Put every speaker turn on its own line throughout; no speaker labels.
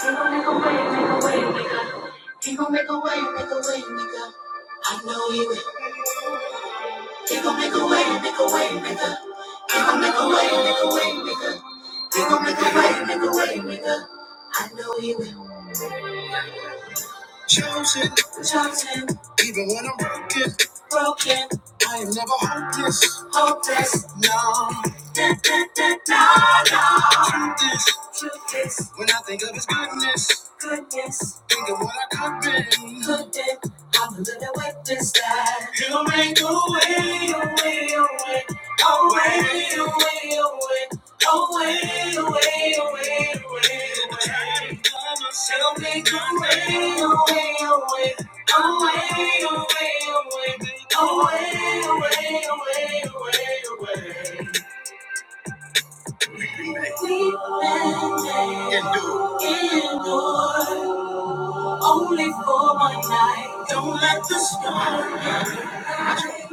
Tingle, make a way, make a way, nigga. He gon' make a way, make a way, nigga. I know you will. He gon' make a way, make a way, nigga. He gon' make a way, make a way, nigga. He gon' make a way, make a way, nigga. I know you will. Chosen, chosen. Even when I'm broken, broken. I am never hopeless, hopeless. No. Da, da, da, no, no. Truth is, truth is. When I think of His goodness, goodness. Think of what I could be, could be. I'm a little witness that He'll make a way, a way, a way. I'm A sinner. A way, a way. We can endure, endure. Only for one night. Don't let the storm in.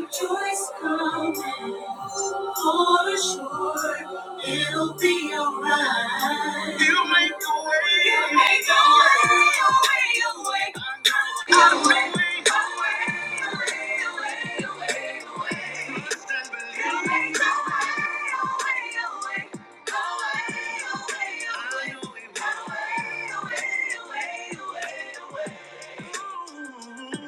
Joy's coming. For sure, it'll be alright. You can make a way, a way, a way. Gotta make a way, a way. You make a way, a way, a way. A way, a way, a way. A way, a way, a way, a way. a way.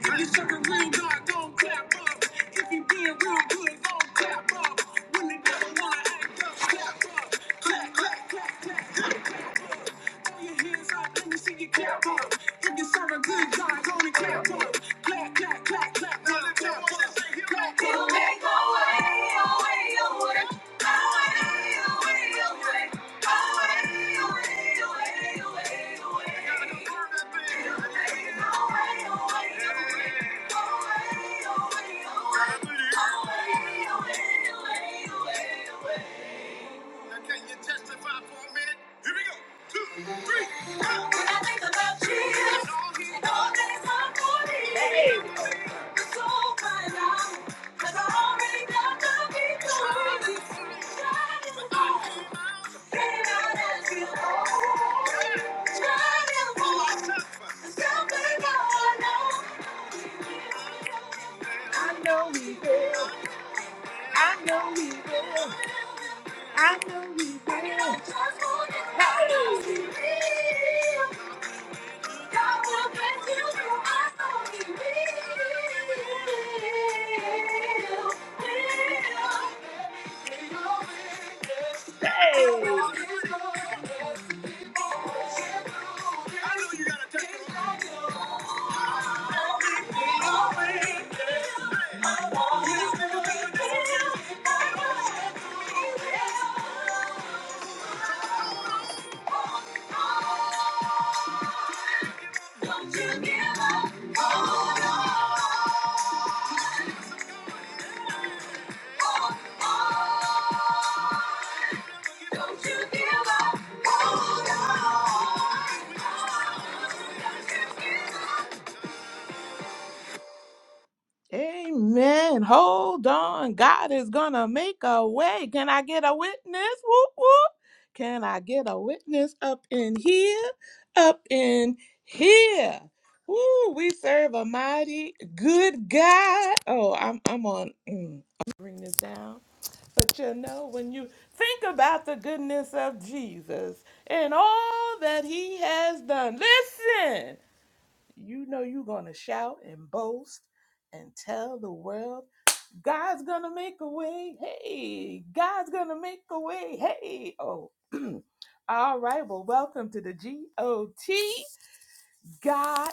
If you suckin' real dog, don't clap up. If you being real good, don't clap up. When the devil wanna act up, clap up. Clap, clap, clap, clap, clap, clap up. Throw your hands up, let me see you clap up. If you serve a good God, only clap up. Clap, clap, clap, clap, now clap up. Clap, clap, clap. Make a way, a way, a way. A way, a way, a way. A way, a way, a way, a way, a way. Can you testify for a minute? Here we go. Two. When I so right know. I will. I just want to know Don't you give up, don't you give up, oh no. Amen. Hold on. God is going to make a way. Can I get a witness? Whoop, whoop. Can I get a witness up in here? Up in here. Woo, we serve a mighty good God. Oh, I'm I'm on mm, I'll bring this down. But you know, when you think about the goodness of Jesus and all that he has done, listen. You know you're going to shout and boast and tell the world God's going to make a way. Hey, God's going to make a way. Hey. Oh. All right. Well, welcome to the GOT. God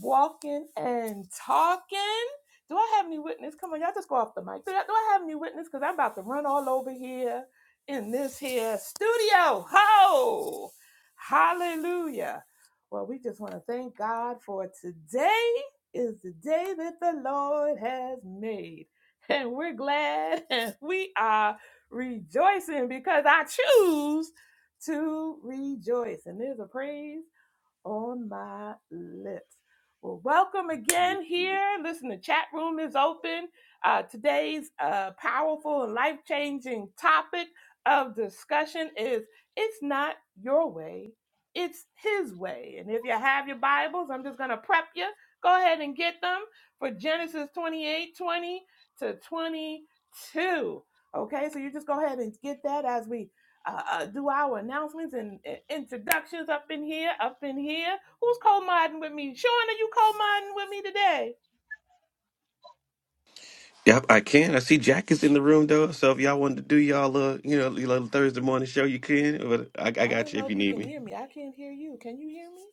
walking and talking. Do I have any witness? Come on, y'all just go off the mic. Do I, do I have any witness? Because I'm about to run all over here in this here studio. Ho! Hallelujah. Well, we just want to thank God for today is the day that the Lord has made. And we're glad and we are rejoicing because I choose to rejoice. And there's a praise on my lips. Well, welcome
Thank
again
you.
here. Listen, the chat room is open. Uh, today's uh, powerful and life changing topic of discussion is It's Not Your Way, It's His Way. And if you have your Bibles, I'm just going to prep you. Go ahead and get them for Genesis 28 20 to 22. Okay, so you just go ahead and get that as we uh, uh, do our announcements and, and introductions up in here, up in here. Who's co-modding with me? Sean, are you co-modding with me today?
Yep, I can. I see Jack is in the room though. So if y'all wanted to do y'all uh you know your little Thursday morning show, you can. But I, I
I
got
don't
you
know
if you
if you
need
can
me.
hear me. I can't hear you. Can you hear me?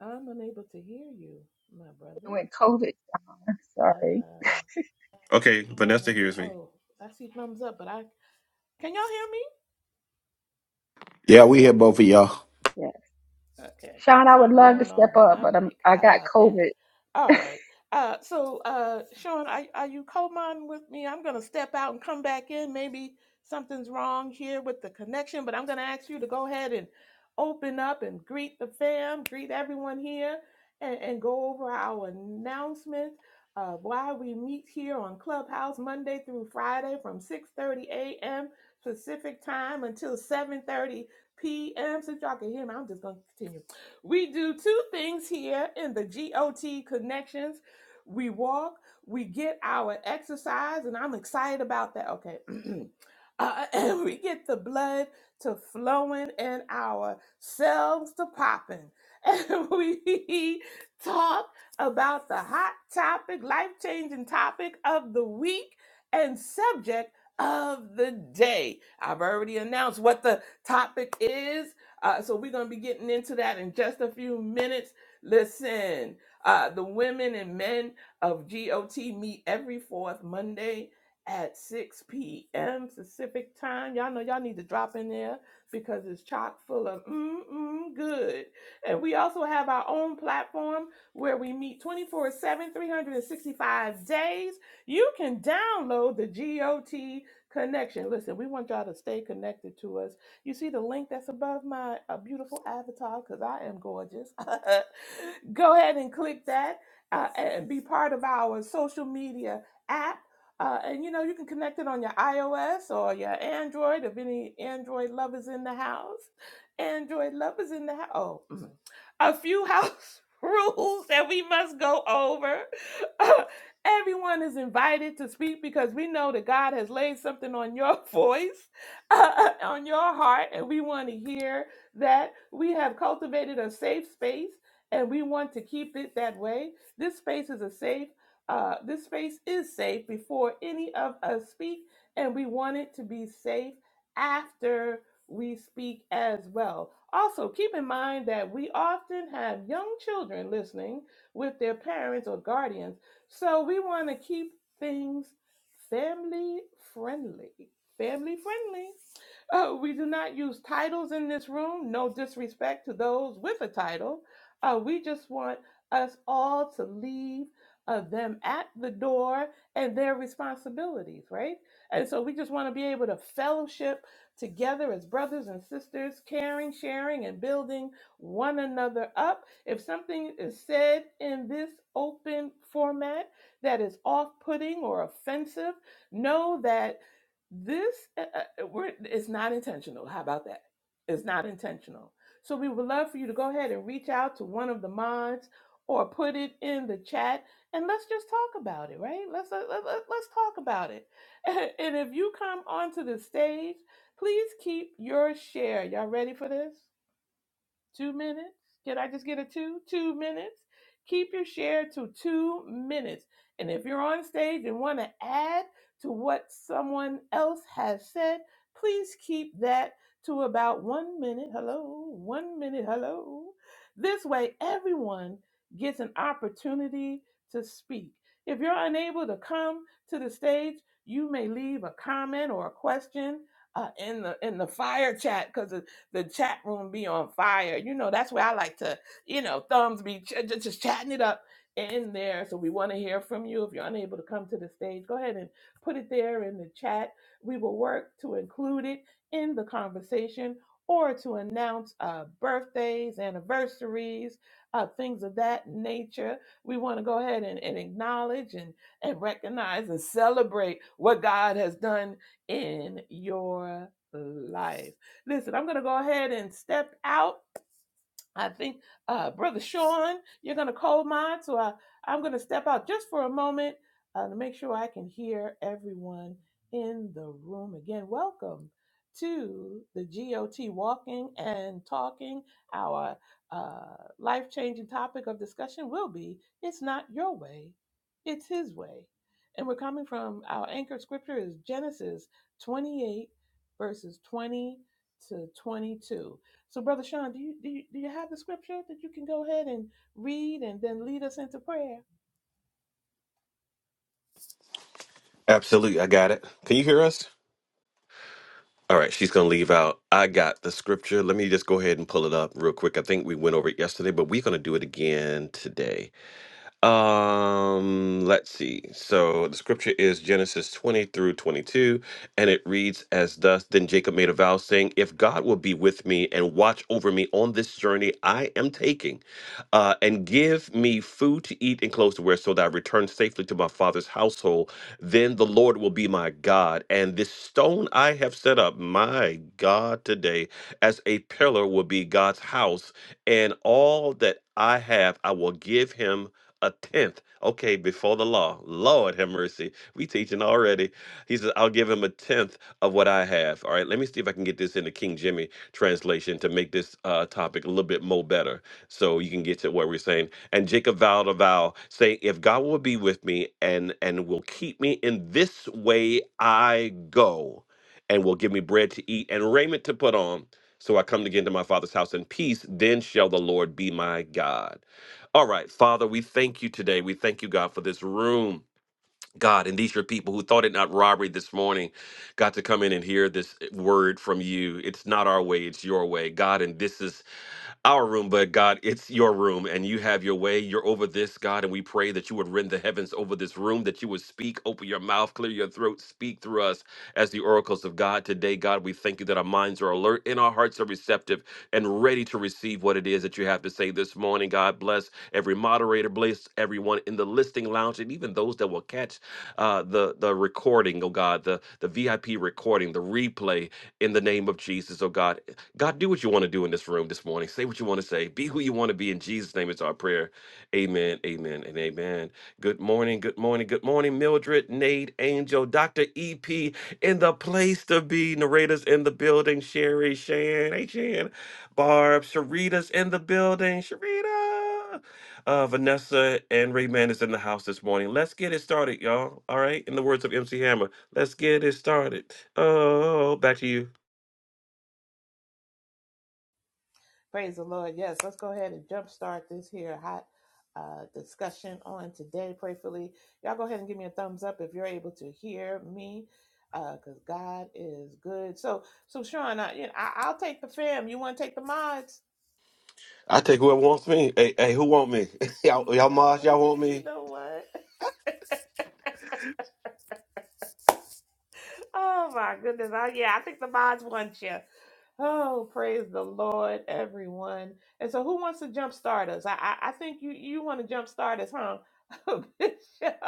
I'm unable to hear you, my brother.
When COVID, sorry.
Uh,
Okay,
I
Vanessa
don't know.
hears me.
Oh, I see thumbs up, but I can y'all hear me?
Yeah, we
Yeah,
hear both of y'all.
yeah.
Okay,
Sean, I would
something
love to
going on
step
with
up,
my
but I'm
mic.
I
How
got
about that?
COVID.
All right. Uh, so, uh, Sean, are, are you co-mon with me? I'm going to step out and come back in. Maybe something's wrong here with the connection, but I'm going to ask you to go ahead and open up and greet the fam, greet everyone here, and, and go over our announcements. Uh, why we meet here on Clubhouse Monday through Friday from 6:30 a.m. Pacific time until 7:30 p.m. Since y'all can hear me, I'm just going to continue. We do two things here in the GOT Connections. We walk, we get our exercise, and I'm excited about that. Okay. Uh, and we get the blood to flowing and our cells to popping. And we talk about the hot topic, life changing topic of the week and subject of the day. I've already announced what the topic is. Uh, so we're going to be getting into that in just a few minutes. Listen, uh, the women and men of GOT meet every fourth Monday at 6 p.m. Pacific time. Y'all know y'all need to drop in there because it's chock full of mm-mm good. And we also have our own platform where we meet 24 7, 365 days. You can download the GOT connection. Listen, we want y'all to stay connected to us you see the link that's above my uh, beautiful avatar because I am gorgeous. Go ahead and click that uh, and be part of our social media app. Uh, and you know, you can connect it on your iOS or your Android if any Android lovers in the house. Android lovers in the house. Oh, mm. a few house rules that we must go over. Everyone is invited to speak because we know that God has laid something on your voice on your heart, and we want to hear that we have cultivated a safe space, and we want to keep it that way. This space is a safe. Uh, this space is safe before any of us speak, and we want it to be safe after we speak as well. Also, keep in mind that we often have young children listening with their parents or guardians, so we want to keep things family friendly. Family friendly. Uh, we do not use titles in this room. No disrespect to those with a title. Uh, we just want us all to leave uh, them at the door and their responsibilities, right? And so we just want to be able to fellowship together as brothers and sisters, caring, sharing, and building one another up. If something is said in this open format that is off putting or offensive, know that this uh, uh, uh, we're, it's not intentional. How about that? It's not intentional. So we would love for you to go ahead and reach out to one of the mods or put it in the chat and let's just talk about it, right? Let's let, let, let- let's talk about it. And if you come onto the stage, please keep your share. Y'all ready for this? Two minutes? Can I just get a two? Two minutes? Keep your share to two minutes. And if you're on stage and want to add to what someone else has said, please keep that to about one minute. Hello, one minute. Hello. This way, everyone gets an opportunity to speak. If you're unable to come to the stage, you may leave a comment or a question uh, in the in the fire chat because the chat room be on fire. You know, that's where I like to, you know, thumbs be ch- ju- just chatting it up in there. So we want to hear from you. If you're unable to come to the stage, go ahead and put it there in the chat. We will work to include it in the conversation or to announce uh, birthdays, anniversaries, uh, things of that nature. We want to go ahead and, and acknowledge and, and recognize and celebrate what God has done in your life. Listen, I'm going to go ahead and step out I think, uh, Brother Sean, you're going to call mine. So I, I'm going to step out just for a moment uh, to make sure I can hear everyone in the room again. Welcome to the GOT Walking and Talking. Our uh, life changing topic of discussion will be It's Not Your Way, It's His Way. And we're coming from our anchor scripture is Genesis 28, verses 20 to 22. So, Brother Sean, do you, do you do you have the scripture that you can go ahead and read and then lead us into prayer?
Absolutely, I got it. Can you hear us? All right, she's gonna leave out. I got the scripture. Let me just go ahead and pull it up real quick. I think we went over it yesterday, but we're gonna do it again today. Um, let's see. So the scripture is Genesis 20 through 22, and it reads as thus Then Jacob made a vow, saying, If God will be with me and watch over me on this journey I am taking, uh, and give me food to eat and clothes to wear, so that I return safely to my father's household, then the Lord will be my God. And this stone I have set up, my God, today, as a pillar will be God's house, and all that I have I will give him a tenth. Okay, before the law. Lord have mercy. We teaching already. He says, I'll give him a tenth of what I have. All right, let me see if I can get this into King Jimmy translation to make this uh, topic a little bit more better so you can get to what we're saying. And Jacob vowed a vow, say, if God will be with me and and will keep me in this way I go, and will give me bread to eat and raiment to put on, so I come again to my father's house in peace, then shall the Lord be my God. All right, Father, we thank you today. We thank you, God, for this room. God, and these are people who thought it not robbery this morning, God, to come in and hear this word from you. It's not our way, it's your way. God, and this is our room, but God, it's your room and you have your way. You're over this, God, and we pray that you would rend the heavens over this room, that you would speak, open your mouth, clear your throat, speak through us as the oracles of God. Today, God, we thank you that our minds are alert and our hearts are receptive and ready to receive what it is that you have to say this morning. God, bless every moderator, bless everyone in the listing lounge, and even those that will catch uh, the, the recording, oh God, the, the VIP recording, the replay in the name of Jesus, oh God. God, do what you want to do in this room this morning. Say what you want to say. Be who you want to be. In Jesus' name, it's our prayer. Amen, amen, and amen. Good morning, good morning, good morning, Mildred, Nate, Angel, Dr. EP, in the place to be. Narrators in the building. Sherry, Shan, hey, Shan, Barb, Sharita's in the building. Sharita, uh, Vanessa, and Rayman is in the house this morning. Let's get it started, y'all. All right. In the words of MC Hammer, let's get it started. Oh, back to you.
Praise the Lord. Yes, let's go ahead and jumpstart this here hot uh, discussion on today. Prayfully, y'all go ahead and give me a thumbs up if you're able to hear me, because God is good. So, so Sean, I, you know, I, I'll take the fam. You want to take the mods?
I take whoever wants me. Hey, hey, who want me? y'all,
You
y'all
know
mods,
what?
y'all want
You
me?
know what? Oh my goodness. I, yeah, I think the mods want you. Oh, praise the Lord, everyone. And so who wants to jump start us? I I, I think you you want to jump start us, huh? Bishop.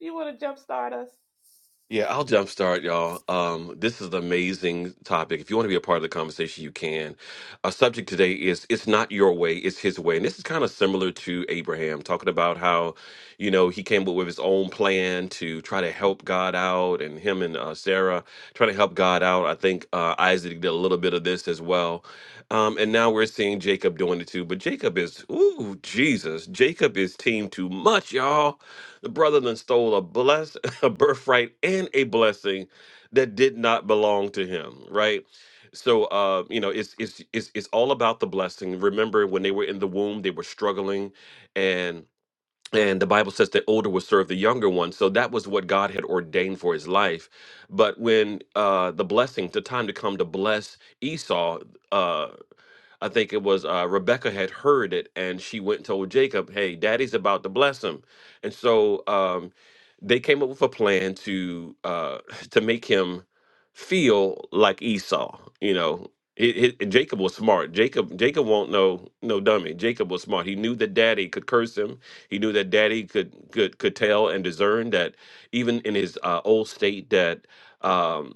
you want to jump start us?
Yeah, I'll jumpstart y'all. Um, this is an amazing topic. If you want to be a part of the conversation, you can. Our subject today is it's not your way, it's his way. And this is kind of similar to Abraham, talking about how, you know, he came up with his own plan to try to help God out and him and uh, Sarah trying to help God out. I think uh, Isaac did a little bit of this as well. Um, and now we're seeing Jacob doing it too. But Jacob is, ooh, Jesus. Jacob is team too much, y'all. The brother then stole a bless a birthright and a blessing that did not belong to him right so uh you know it's it's it's, it's all about the blessing remember when they were in the womb they were struggling and and the bible says the older will serve the younger one so that was what god had ordained for his life but when uh the blessing the time to come to bless esau uh I think it was uh, Rebecca had heard it, and she went and told Jacob, "Hey, Daddy's about to bless him," and so um, they came up with a plan to uh, to make him feel like Esau. You know, it, it, Jacob was smart. Jacob Jacob won't know no dummy. Jacob was smart. He knew that Daddy could curse him. He knew that Daddy could could could tell and discern that even in his uh, old state that. Um,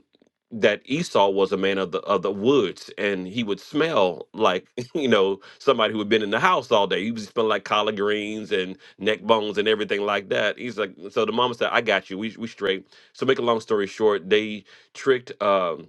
that Esau was a man of the of the woods, and he would smell like you know somebody who had been in the house all day. He was smelling like collard greens and neck bones and everything like that. He's like, so the mama said, "I got you. We we straight." So make a long story short, they tricked. Um,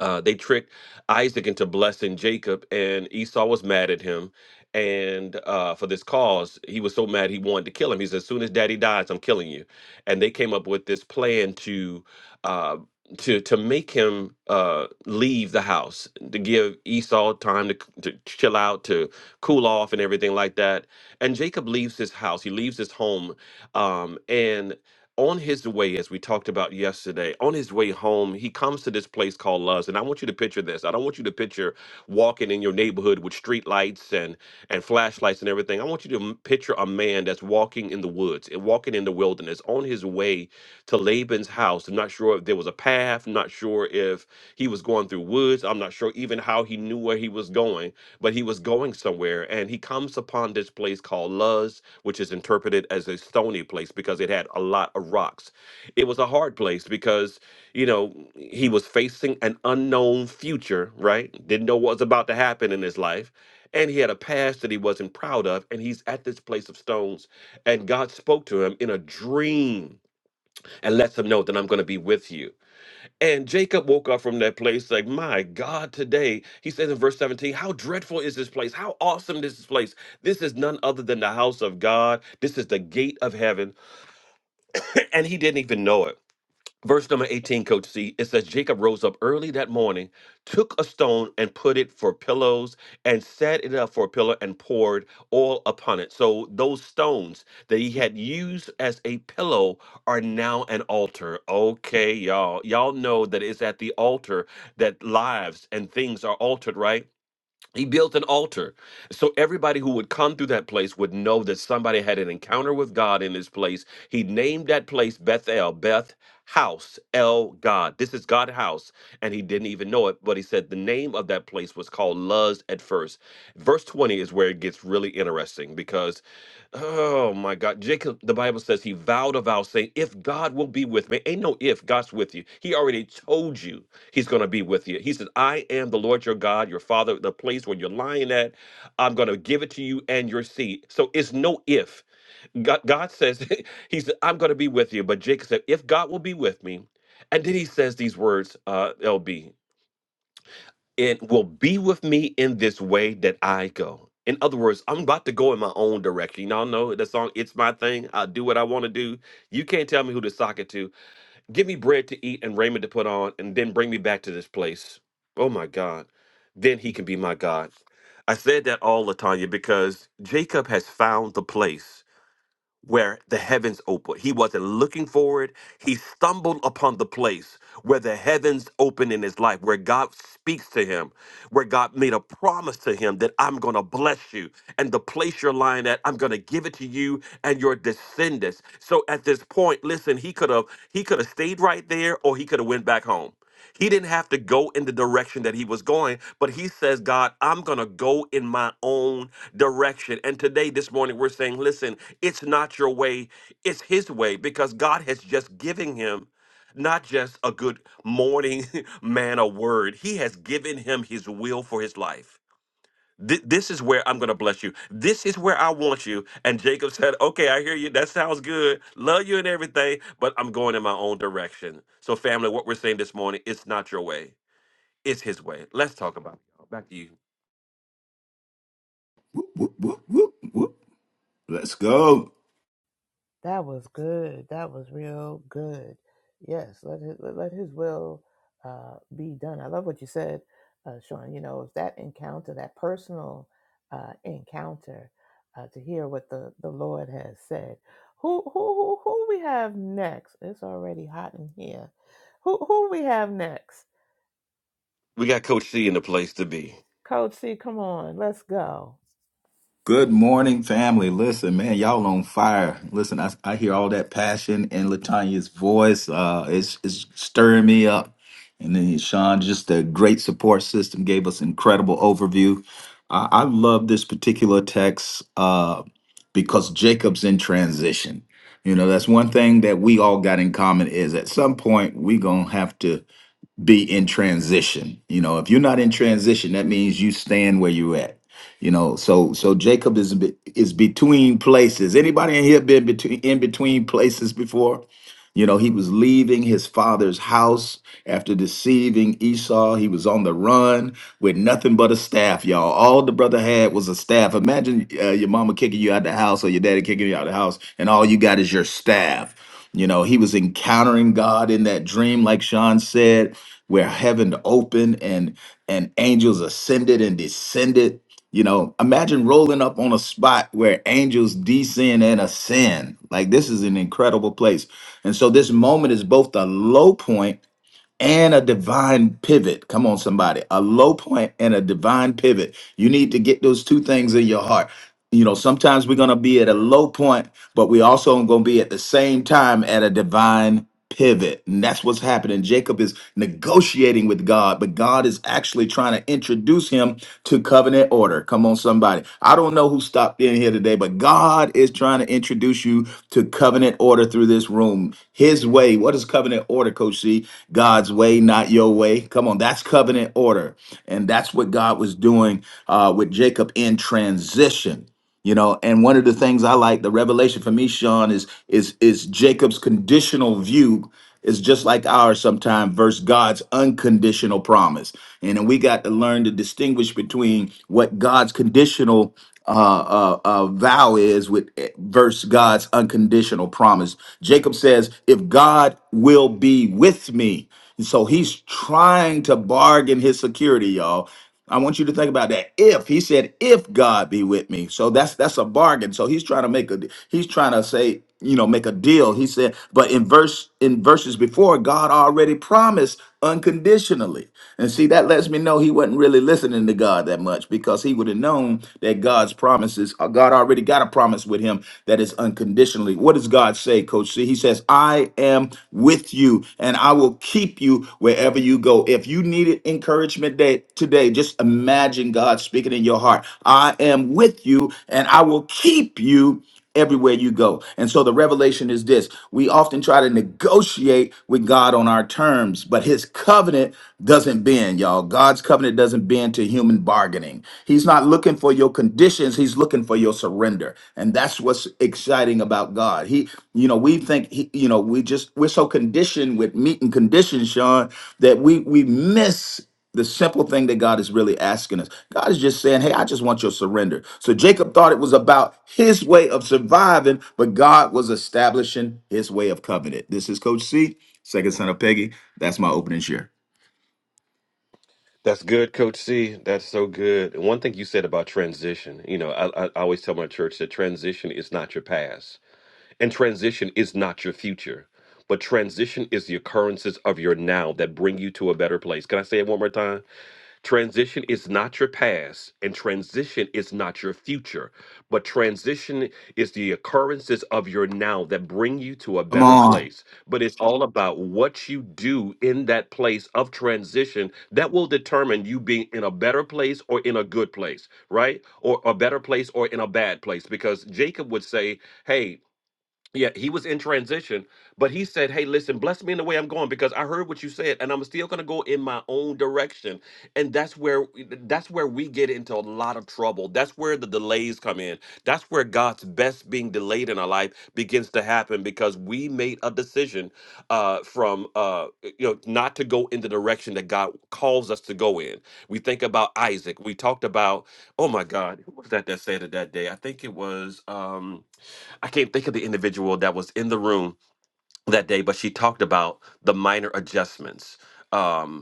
uh, they tricked Isaac into blessing Jacob, and Esau was mad at him. And uh, for this cause, he was so mad he wanted to kill him. He said, "As soon as Daddy dies, I'm killing you." And they came up with this plan to uh, to to make him uh, leave the house, to give Esau time to, c- to chill out, to cool off, and everything like that. And Jacob leaves his house. He leaves his home, um, and on his way, as we talked about yesterday, on his way home, he comes to this place called Luz. And I want you to picture this. I don't want you to picture walking in your neighborhood with street lights and, and flashlights and everything. I want you to m- picture a man that's walking in the woods and walking in the wilderness on his way to Laban's house. I'm not sure if there was a path. I'm not sure if he was going through woods. I'm not sure even how he knew where he was going, but he was going somewhere. And he comes upon this place called Luz, which is interpreted as a stony place because it had a lot of rocks. It was a hard place because, you know, he was facing an unknown future, right? Didn't know what was about to happen in his life. And he had a past that he wasn't proud of. And he's at this place of stones. And God spoke to him in a dream and lets him know that I'm going to be with you. And Jacob woke up from that place like, my God, today, he says in verse 17, how dreadful is this place? How awesome is this place? This is none other than the house of God. This is the gate of heaven. And he didn't even know it. Verse number 18, Coach C, it says Jacob rose up early that morning, took a stone and put it for pillows, and set it up for a pillow and poured oil upon it. So those stones that he had used as a pillow are now an altar. Okay, y'all. Y'all know that it's at the altar that lives and things are altered, right? He built an altar. So everybody who would come through that place would know that somebody had an encounter with God in this place. He named that place Bethel, Beth House, El God. This is God house. And he didn't even know it, but he said the name of that place was called Luz at first. Verse 20 is where it gets really interesting because, oh my God, Jacob, the Bible says he vowed a vow saying, If God will be with me, ain't no if, God's with you. He already told you He's going to be with you. He says, I am the Lord your God, your father, the place where you're lying at. I'm going to give it to you and your seed. So it's no if. God, God says, He said, I'm going to be with you. But Jacob said, If God will be with me. And then he says these words, uh, LB, it will be with me in this way that I go. In other words, I'm about to go in my own direction. Y'all know the song, It's My Thing. I'll do what I want to do. You can't tell me who to sock it to. Give me bread to eat and raiment to put on, and then bring me back to this place. Oh my God. Then he can be my God. I said that all, Latanya, because Jacob has found the place where the heavens opened. He wasn't looking for it. He stumbled upon the place where the heavens opened in his life, where God speaks to him, where God made a promise to him that I'm going to bless you. And the place you're lying at, I'm going to give it to you and your descendants. So at this point, listen, he could have he could have stayed right there or he could have went back home. He didn't have to go in the direction that he was going, but he says, God, I'm going to go in my own direction. And today, this morning, we're saying, listen, it's not your way, it's his way, because God has just given him not just a good morning man a word, he has given him his will for his life. Th- this is where I'm going to bless you. This is where I want you. And Jacob said, Okay, I hear you. That sounds good. Love you and everything, but I'm going in my own direction. So, family, what we're saying this morning, it's not your way, it's his way. Let's talk about it. y'all. Back to you.
Whoop, whoop, whoop, whoop. Let's go.
That was good. That was real good. Yes, let his, let let his will uh, be done. I love what you said, uh, Sean. You know, it's that encounter, that personal uh, encounter, uh, to hear what the, the Lord has said. Who, who who who we have next? It's already hot in here. Who who we have next?
We got Coach C in the place to be.
Coach C, come on, let's go.
Good morning, family. Listen, man, y'all on fire. Listen, I, I hear all that passion in Latanya's voice. Uh, it's, it's stirring me up. And then Sean, just a great support system, gave us incredible overview. I, I love this particular text uh, because Jacob's in transition. You know, that's one thing that we all got in common is at some point we gonna have to be in transition. You know, if you're not in transition, that means you stand where you're at. You know, so so Jacob is be- is between places. Anybody in here been between in between places before? You know, he was leaving his father's house after deceiving Esau. He was on the run with nothing but a staff, y'all. All the brother had was a staff. Imagine uh, your mama kicking you out the house or your daddy kicking you out the house, and all you got is your staff. You know, he was encountering God in that dream, like Sean said where heaven opened and and angels ascended and descended you know imagine rolling up on a spot where angels descend and ascend like this is an incredible place and so this moment is both a low point and a divine pivot come on somebody a low point and a divine pivot you need to get those two things in your heart you know sometimes we're going to be at a low point but we also going to be at the same time at a divine pivot and that's what's happening jacob is negotiating with god but god is actually trying to introduce him to covenant order come on somebody i don't know who stopped in here today but god is trying to introduce you to covenant order through this room his way what is covenant order coach c god's way not your way come on that's covenant order and that's what god was doing uh, with jacob in transition you know and one of the things i like the revelation for me sean is is is jacob's conditional view is just like ours sometimes versus god's unconditional promise and then we got to learn to distinguish between what god's conditional uh, uh, uh, vow is with versus God's unconditional promise. Jacob says, "If God will be with me," and so he's trying to bargain his security, y'all. I want you to think about that. If he said, if God be with me. So that's that's a bargain. So he's trying to make a he's trying to say, you know, make a deal. He said, but in verse in verses before, God already promised unconditionally. And see, that lets me know he wasn't really listening to God that much because he would have known that God's promises, uh, God already got a promise with him that is unconditionally. What does God say, Coach C? He says, I am am with you and I will keep you wherever you go. If you needed encouragement day, today, just imagine God speaking in your heart. I am with you and I will keep you everywhere you go. And so the revelation is this we often try to negotiate with God on our terms, but his covenant doesn't bend, y'all. God's covenant doesn't bend to human bargaining. He's not looking for your conditions He's looking for your surrender. And that's what's exciting about God. He, you know, we think he, you know, we just we're so conditioned with meat and conditions, Sean, that we we miss the simple thing that God is really asking us. God is just saying, Hey, I just want your surrender. So Jacob thought it was about his way of surviving, but God was establishing his way of covenant. This is Coach C, second son of Peggy. That's my opening share.
That's good, Coach C. That's so good. And one thing you said about transition, you know, I, I I always tell my church that transition is not your past. And transition is not your future, but transition is the occurrences of your now that bring you to a better place. Can I say it one more time? Transition is not your past, and transition is not your future, but transition is the occurrences of your now that bring you to a
Come
better
on.
place. But it's all about what you do in that place of transition that will determine you being in a better place or in a good place, right? Or a better place or in a bad place. Because Jacob would say, hey, yeah, he was in transition, but he said, Hey, listen, bless me in the way I'm going because I heard what you said and I'm still gonna go in my own direction. And that's where that's where we get into a lot of trouble. That's where the delays come in. That's where God's best being delayed in our life begins to happen because we made a decision uh from uh you know not to go in the direction that God calls us to go in. We think about Isaac. We talked about, oh my God, who was that that said it that day? I think it was um I can't think of the individual that was in the room that day, but she talked about the minor adjustments. Um,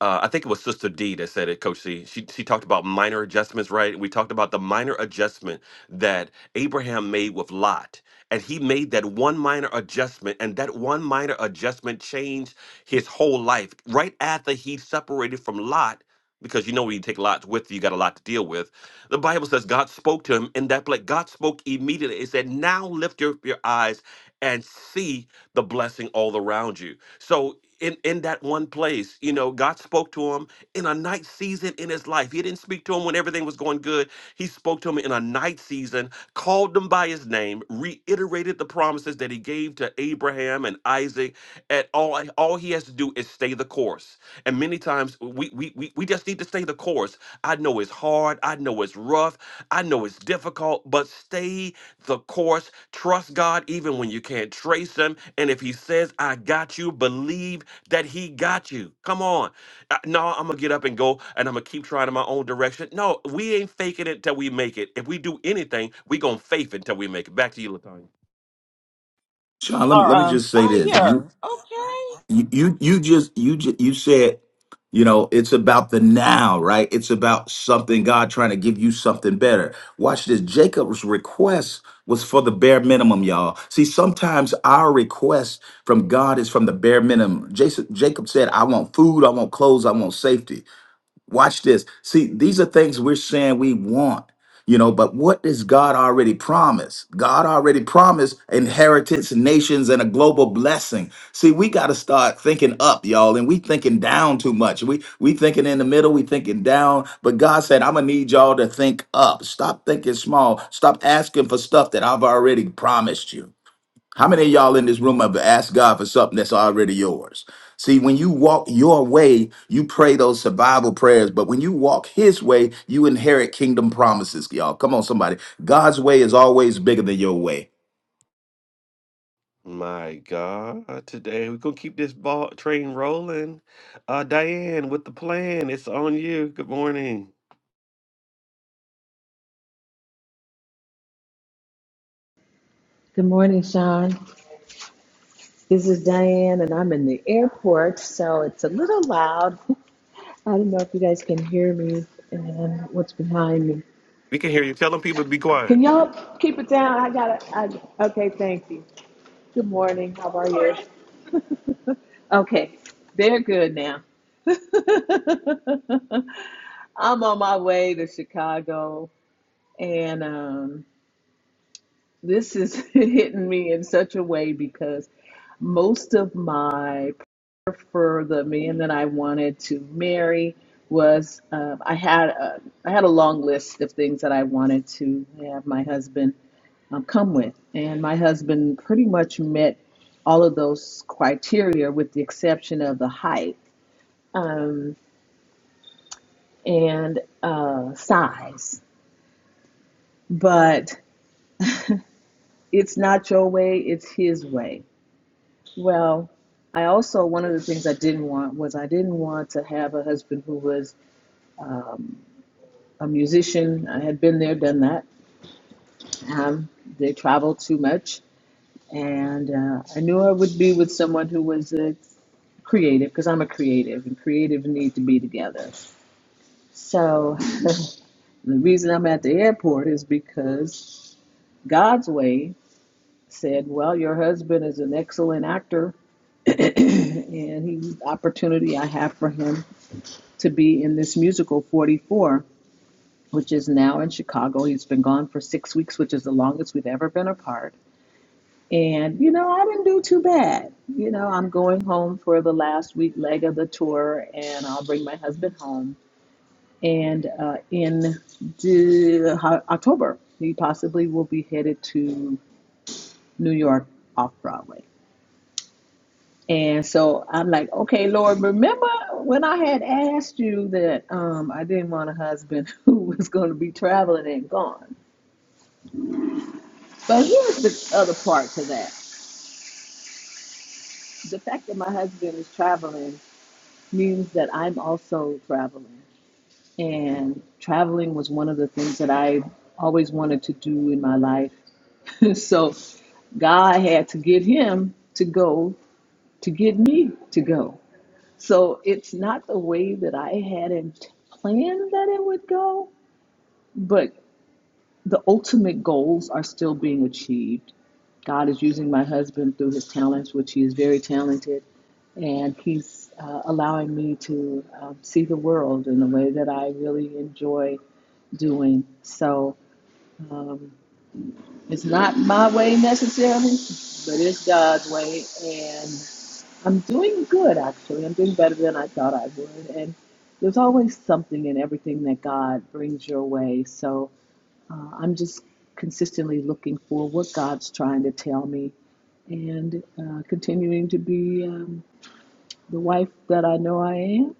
uh, I think it was Sister D that said it, Coach C. She she talked about minor adjustments, right? We talked about the minor adjustment that Abraham made with Lot, and he made that one minor adjustment, and that one minor adjustment changed his whole life. Right after he separated from Lot, because you know when you take Lot with you, you got a lot to deal with. The Bible says God spoke to him in that place. God spoke immediately. It said, "Now lift your, your eyes and see the blessing all around you." So in, in that one place, you know, God spoke to him in a night season in his life. He didn't speak to him when everything was going good. He spoke to him in a night season, called him by his name, reiterated the promises that he gave to Abraham and Isaac at all all he has to do is stay the course. And many times we we we, we just need to stay the course. I know it's hard, I know it's rough, I know it's difficult, but stay the course. Trust God even when you can't trace him. And if he says, I got you, believe that he got you. Come on. Uh, No, I'm gonna get up and go and I'm gonna keep trying in my own direction. No, we ain't faking it till we make it. If we do anything, we gonna faith until we make it. Back to you, Latonya.
Sean, let me
are
let me
on
just say this.
fire. Okay.
you you you just you just you said you know it's about the now right it's about something god trying to give you something better watch this jacob's request was for the bare minimum y'all see sometimes our request from god is from the bare minimum jason jacob said i want food i want clothes i want safety Watch this. See, these are things we're saying we want, you know, but what does God already promise? God already promised inheritance, nations, and a global blessing. See, we got to start thinking up, y'all, and we thinking down too much. We we thinking in the middle, we thinking down, but God said, I'm gonna need y'all to think up. Stop thinking small. Stop asking for stuff that I've already promised you. How many of y'all in this room have asked God for something that's already yours? See, when you walk your way, you pray those survival prayers, but when you walk his way, you inherit kingdom promises, y'all. Come on, somebody. God's way is always bigger than your way.
My God, today we're gonna keep this ball train rolling. Uh, Diane, with the plan, it's on you. Good morning.
Good morning, Sean. This is Diane, and I'm in the airport, so it's a little loud. I don't know if you guys can hear me and what's behind me.
We can hear you. Tell them people to be quiet.
Can y'all keep it down? I gotta. okay, thank you. Good morning. How are you? Okay, they're good now. I'm on my way to Chicago, and um, This is hitting me in such a way because most of my prayer for the man that I wanted to marry was um, I had a, I had a long list of things that I wanted to have my husband um, come with, and my husband pretty much met all of those criteria with the exception of the height um, and uh, size. But it's not your way; it's his way. Well, I also, one of the things I didn't want was I didn't want to have a husband who was a musician. I had been there, done that. Um, they traveled too much. And uh, I knew I would be with someone who was a creative because I'm a creative and creatives need to be together. So the reason I'm at the airport is because God's way said, Well, your husband is an excellent actor and he's opportunity I have for him to be in this musical 44, which is now in Chicago. He's been gone for six weeks, which is the longest we've ever been apart. And, you know, I didn't do too bad. You know, I'm going home for the last week leg of the tour, and I'll bring my husband home. And uh, in the, October, he possibly will be headed to New York off Broadway. And so I'm like, okay, Lord, remember when I had asked you that um, I didn't want a husband who was going to be traveling and gone. But here's the other part to that the fact that my husband is traveling means that I'm also traveling. And traveling was one of the things that I always wanted to do in my life. so God had to get him to go to get me to go. So it's not the way that I had in- planned that it would go, but the ultimate goals are still being achieved. God is using my husband through his talents, which he is very talented, and he's uh, allowing me to um, see the world in a way that I really enjoy doing. So um, it's not my way necessarily, but it's God's way, and. I'm doing good, actually. I'm doing better than I thought I would. And there's always something in everything that God brings your way. So uh, I'm just consistently looking for what God's trying to tell me and uh, continuing to be um, the wife that I know I am.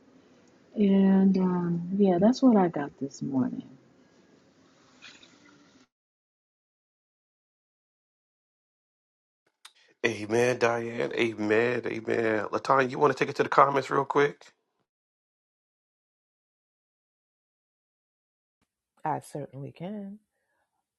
And um, yeah, that's what I got this morning.
Amen, Diane. Amen. Amen. Latanya, you want to take it to the comments real quick?
I certainly can.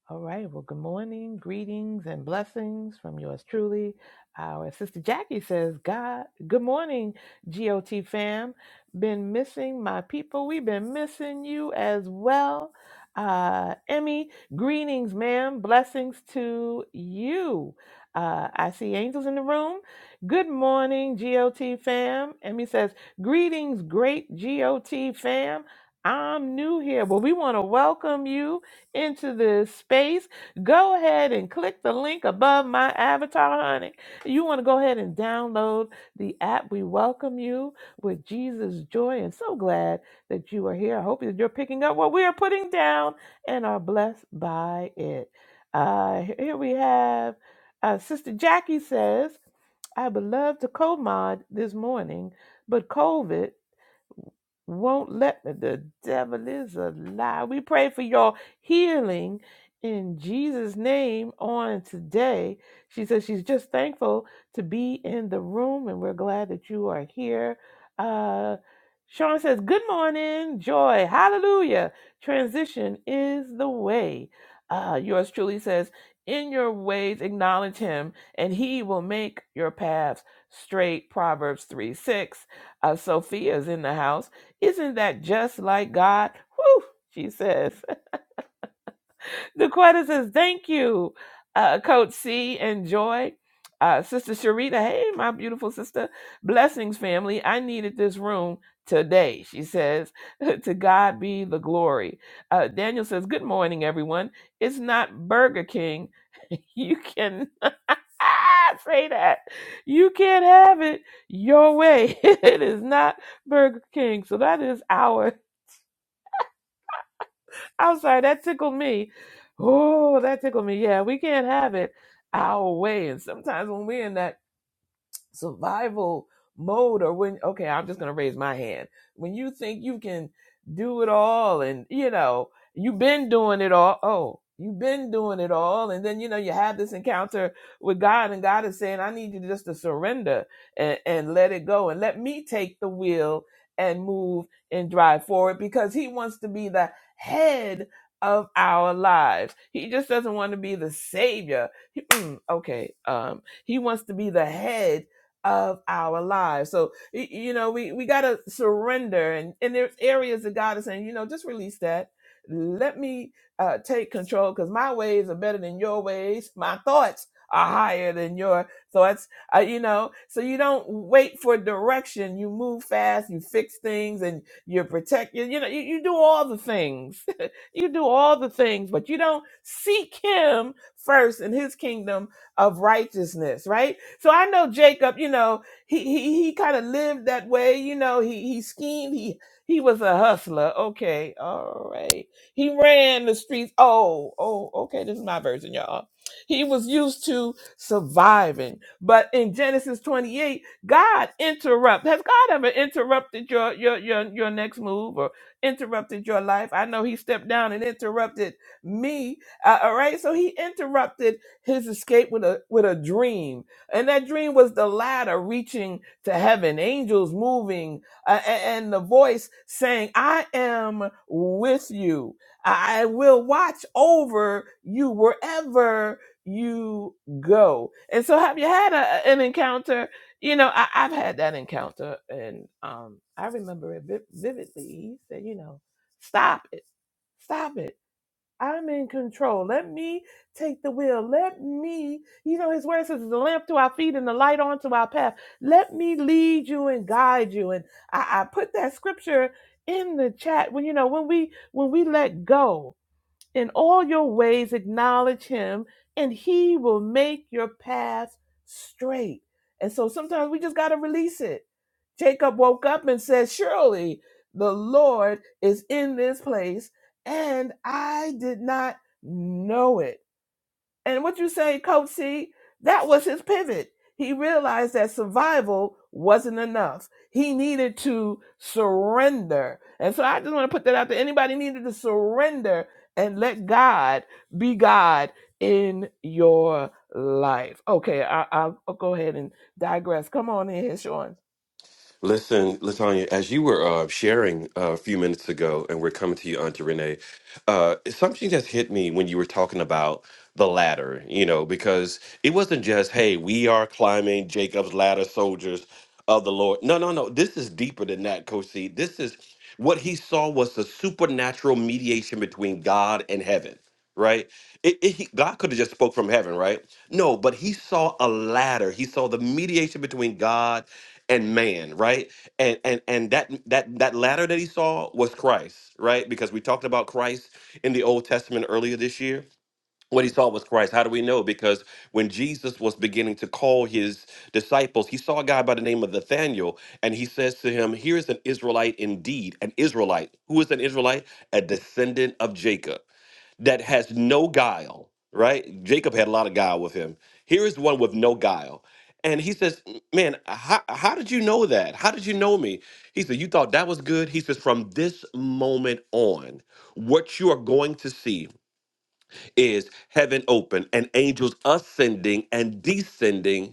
All right. Well, good morning, greetings, and blessings from yours truly. Our sister Jackie says, "God, good morning, GOT fam. Been missing my people. We've been missing you as well." Uh, Emmy, greetings, ma'am. Blessings to you. Uh, I see angels in the room. Good morning, GOT fam. Emmy says, "Greetings, great GOT fam. I'm new here. Well, we want to welcome you." into this space, go ahead and click the link above my avatar, honey. You want to go ahead and download the app. We welcome you with Jesus' joy and so glad that you are here. I hope that you're picking up what we are putting down and are blessed by it. Uh, here we have uh, Sister Jackie says, I would love to co mod this morning, but COVID won't let me. The devil is a lie. We pray for your healing in Jesus' name on today. She says she's just thankful to be in the room and we're glad that you are here. Uh, Sean says, Good morning, joy, hallelujah. Transition is the way. Uh, yours truly says, In your ways, acknowledge him, and he will make your paths straight. Proverbs 3 6. Uh, Sophia's in the house. Isn't that just like God? Whew, she says. Daquetta says, thank you, uh, Coach C and Joy. Uh, sister Sharita, hey, my beautiful sister. Blessings, family. I needed this room today, she says. to God be the glory. Uh, Daniel says, good morning, everyone. It's not Burger King. You can ah, say that. You can't have it your way. it is not Burger King. So that is ours I'm sorry, that tickled me. Oh, that tickled me. Yeah, we can't have it our way. And sometimes when we're in that survival mode or when okay i'm just going to raise my hand when you think you can do it all and you know you've been doing it all oh you've been doing it all and then you know you have this encounter with god and god is saying i need you just to surrender and, and let it go and let me take the wheel and move and drive forward because he wants to be the head of our lives he just doesn't want to be the savior He- okay um he wants to be the head of our lives. So y- you know, we we gotta surrender, and and there's areas that God is saying, you know, just release that. Let me uh, take control because my ways are better than your ways. My thoughts are higher than your thoughts. Uh, you know, so you don't wait for direction. You move fast. You fix things, and you're protected. You know, you, you do all the things. you do all the things, but you don't seek Him first in His kingdom of righteousness, right? So I know Jacob, you know, he he, he kind of lived that way, you know, he he schemed, he he was a hustler. Okay, all right. He ran the streets. Oh, oh, okay, this is my version, y'all. He was used to surviving. But in Genesis 28, God interrupt. Has God ever interrupted your your your your next move or interrupted your life? I know he stepped down and interrupted me. Uh, all right. So he interrupted his escape with a with a dream, and that dream was the ladder reaching to heaven, angels moving, uh, a- and the voice saying, "I am with you. I will watch over you wherever you go." And so, have you had a, an encounter? You know, I, I've had that encounter, and um, I remember it vi- vividly. He said, "You know, stop it, stop it." I'm in control. Let me take the wheel. Let me, you know, his word says, it's a lamp to our feet and the light onto our path. Let me lead you and guide you. And I, I put that scripture in the chat when you know when we when we let go in all your ways, acknowledge him, and he will make your path straight. And so sometimes we just got to release it. Jacob woke up and said, Surely the Lord is in this place, and I did not know it. And what you say, Coach C, that was his pivot. He realized that survival wasn't enough. He needed to surrender. And so I just want to put that out there. Anybody needed to surrender and let God be God in your life. Okay, I, I'll, I'll go ahead and digress. Come on in, Sean.
Listen, Latanya, as you were uh, sharing uh, a few minutes ago, and we're coming to you, Auntie Renee, uh, something just hit me when you were talking about the ladder, you know, because it wasn't just, hey, we are climbing Jacob's ladder, soldiers of the Lord. No, no, no. This is deeper than that, Coach C. This is what he saw was the supernatural mediation between God and heaven right? It, it, he, God could have just spoke from heaven, right? No, but he saw a ladder. He saw the mediation between God and man, right? And and and that that that ladder that he saw was Christ, right? Because we talked about Christ in the Old Testament earlier this year. What he saw was Christ. How do we know? Because when Jesus was beginning to call his disciples, he saw a guy by the name of Nathaniel, and he says to him, Here's an Israelite indeed, an Israelite. Who is an Israelite? A descendant of Jacob that has no guile, right? Jacob had a lot of guile with him. Here is one with no guile. And he says, Man, how, how did you know that? How did you know me? He said, You thought that was good? He says, From this moment on, what you are going to see is heaven open and angels ascending and descending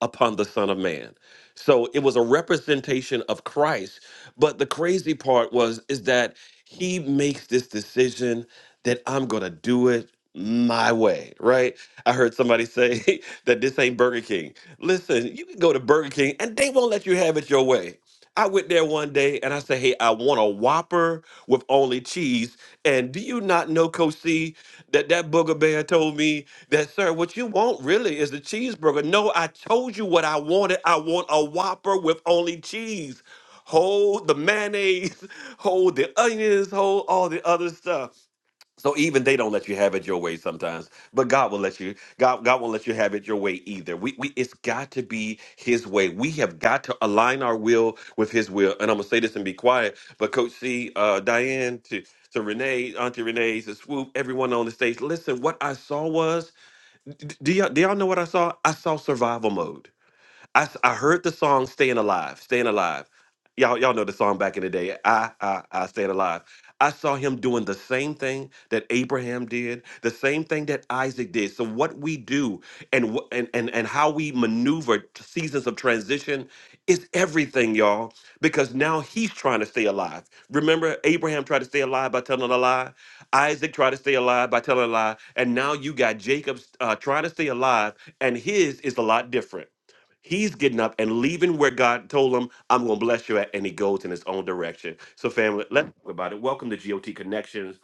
upon the Son of Man. So it was a representation of Christ. But the crazy part was is that he makes this decision that I'm gonna do it my way, right? I heard somebody say that this ain't Burger King. Listen, you can go to Burger King and they won't let you have it your way. I went there one day and I said, Hey, I want a Whopper with only cheese. And do you not know, Coach C, that that booger bear told me that, sir, what you want really is the cheeseburger. No, I told you what I wanted. I want a Whopper with only cheese. Hold the mayonnaise, hold the onions, hold all the other stuff. So even they don't let you have it your way sometimes, but God will let you. God, God won't let you have it your way either. We, we, it's got to be His way. We have got to align our will with His will. And I'm gonna say this and be quiet. But Coach C, uh, Diane, to to Renee, Auntie Renee, to Swoop, everyone on the stage. Listen, what I saw was, do y'all, do y'all know what I saw? I saw survival mode. I I heard the song "Staying Alive," "Staying Alive." Y'all y'all know the song back in the day. I I I stayed alive. I saw him doing the same thing that Abraham did, the same thing that Isaac did. So what we do and wh- and and and how we maneuver t- seasons of transition is everything, y'all. Because now he's trying to stay alive. Remember, Abraham tried to stay alive by telling a lie. Isaac tried to stay alive by telling a lie, and now you got Jacob uh, trying to stay alive, and his is a lot different. He's getting up and leaving where God told him, I'm going to bless you at, and he goes in his own direction. So, family, let's talk about it. Welcome to GOT Connections,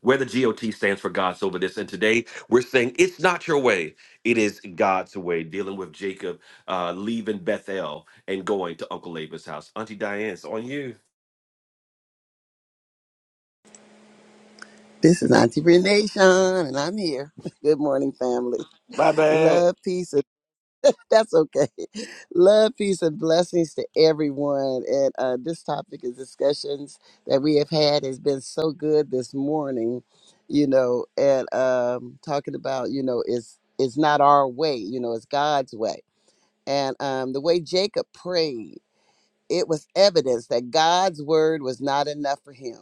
where the GOT stands for God's Over This. And today we're saying it's not your way, it is God's way. Dealing with Jacob uh, leaving Bethel and going to Uncle Laban's house. Auntie Diane, it's on you.
This is Auntie Renation, and I'm here. Good morning, family.
My bad.
Love, peace, and that's okay. Love, peace, and blessings to everyone. And uh, this topic of discussions that we have had has been so good this morning, you know, and um, talking about, you know, it's it's not our way, you know, it's God's way. And um, the way Jacob prayed, it was evidence that God's word was not enough for him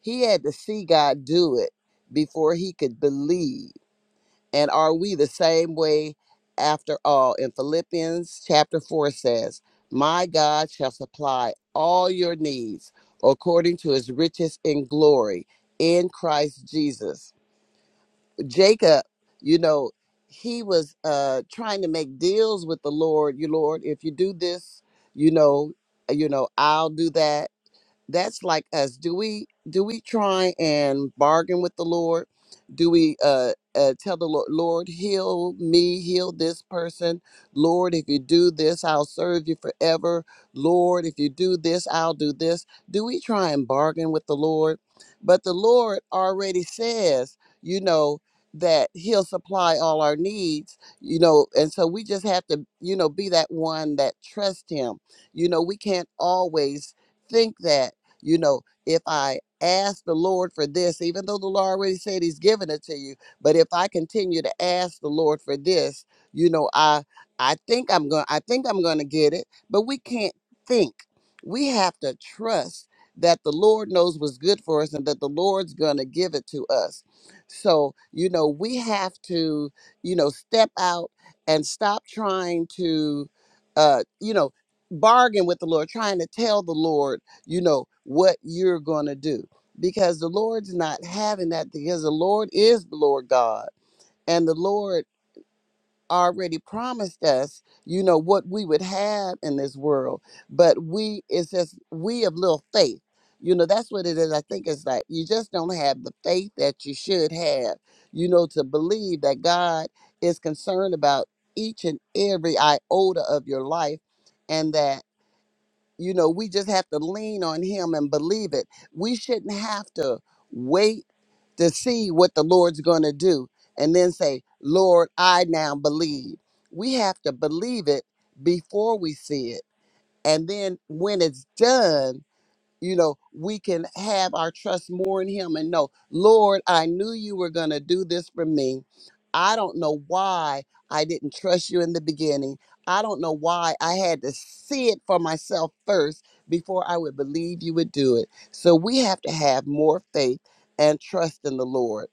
he had to see God do it before he could believe. And are we the same way after all? In Philippians chapter 4 says, My God shall supply all your needs according to his riches in glory in Christ Jesus. Jacob, you know, he was uh trying to make deals with the Lord, you Lord, if you do this, you know, you know, I'll do that that's like us do we do we try and bargain with the lord do we uh, uh tell the lord lord heal me heal this person lord if you do this i'll serve you forever lord if you do this i'll do this do we try and bargain with the lord but the lord already says you know that he'll supply all our needs you know and so we just have to you know be that one that trusts him you know we can't always think that you know, if I ask the Lord for this, even though the Lord already said He's given it to you, but if I continue to ask the Lord for this, you know, I I think I'm going I think I'm going to get it, but we can't think. We have to trust that the Lord knows what's good for us and that the Lord's going to give it to us. So, you know, we have to, you know, step out and stop trying to uh, you know, bargain with the Lord, trying to tell the Lord you know what you're going to do because the lord's not having that because the lord is the lord god and the lord already promised us you know what we would have in this world but we it's just we have little faith you know that's what it is i think it's like you just don't have the faith that you should have you know to believe that god is concerned about each and every iota of your life and that you know we just have to lean on him and believe it we shouldn't have to wait to see what the lord's going to do and then say lord i now believe we have to believe it before we see it and then when it's done you know, we can have our trust more in Him and know, Lord, I knew you were going to do this for me. I don't know why I didn't trust you in the beginning. I don't know why I had to see it for myself first before I would believe you would do it. So we have to have more faith and trust in the Lord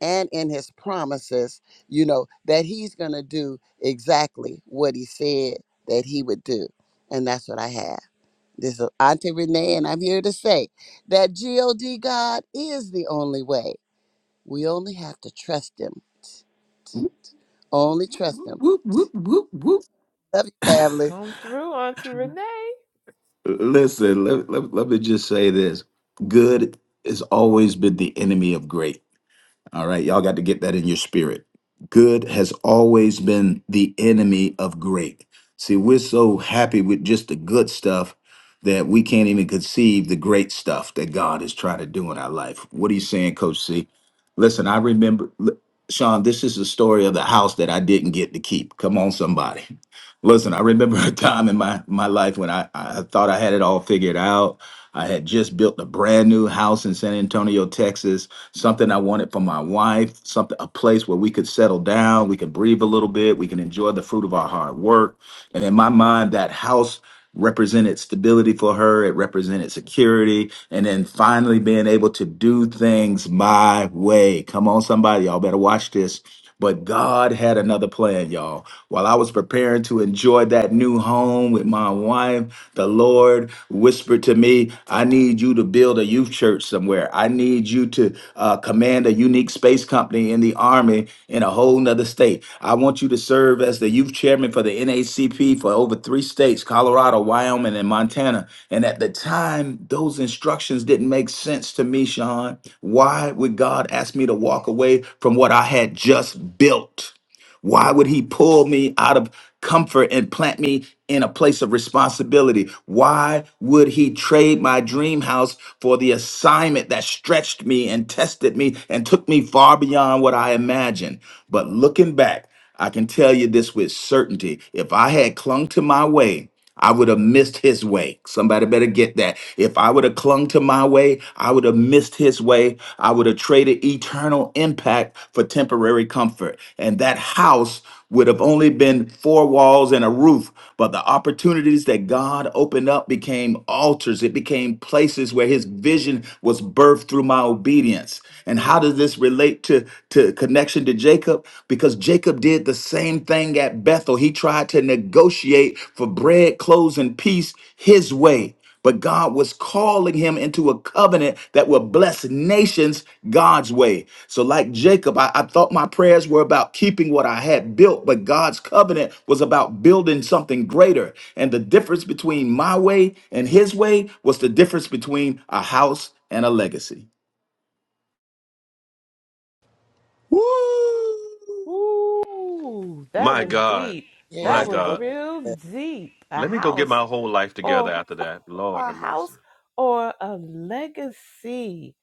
and in His promises, you know, that He's going to do exactly what He said that He would do. And that's what I have. This is Auntie Renee, and I'm here to say that God God is the only way. We only have to trust Him.
Whoop,
Only trust
whoop,
Him.
whoop, whoop, whoop, whoop.
Love you, family.
Come through, Auntie Renee.
Listen, let, let, let me just say this good has always been the enemy of great. All right, y'all got to get that in your spirit. Good has always been the enemy of great. See, we're so happy with just the good stuff that we can't even conceive the great stuff that God is trying to do in our life. What are you saying, Coach C? Listen, I remember, l- Sean, this is the story of the house that I didn't get to keep. Come on, somebody. Listen, I remember a time in my, my life when I, I thought I had it all figured out. I had just built a brand new house in San Antonio, Texas something I wanted for my wife, something a place where we could settle down, we could breathe a little bit, we can enjoy the fruit of our hard work. And in my mind, that house represented stability for her, it represented security, and then finally being able to do things my way. Come on, somebody, y'all better watch this. But God had another plan, y'all. While I was preparing to enjoy that new home with my wife, the Lord whispered to me, I need you to build a youth church somewhere. I need you to uh, command a unique space company in the Army in a whole nother state. I want you to serve as the youth chairman for the NACP for over three states Colorado, Wyoming, and Montana. And at the time, those instructions didn't make sense to me, Sean. Why would God ask me to walk away from what I had just built? Why would he pull me out of comfort and plant me in a place of responsibility? Why would he trade my dream house for the assignment that stretched me and tested me and took me far beyond what I imagined? But looking back, I can tell you this with certainty. If I had clung to my way, I would have missed his way. Somebody better get that. If I would have clung to my way, I would have missed his way. I would have traded eternal impact for temporary comfort. And that house would have only been four walls and a roof. But the opportunities that God opened up became altars, it became places where his vision was birthed through my obedience. And how does this relate to, to connection to Jacob? Because Jacob did the same thing at Bethel. He tried to negotiate for bread, clothes, and peace his way. But God was calling him into a covenant that would bless nations God's way. So, like Jacob, I, I thought my prayers were about keeping what I had built, but God's covenant was about building something greater. And the difference between my way and his way was the difference between a house and a legacy.
Woo!
Ooh, that
My
was
God.
deep.
My
That
Yes.
was
God.
real
Okay.
deep. A
Let me go get my
house
whole life together
or
after that. Lord
a
have mercy.
house or a legacy.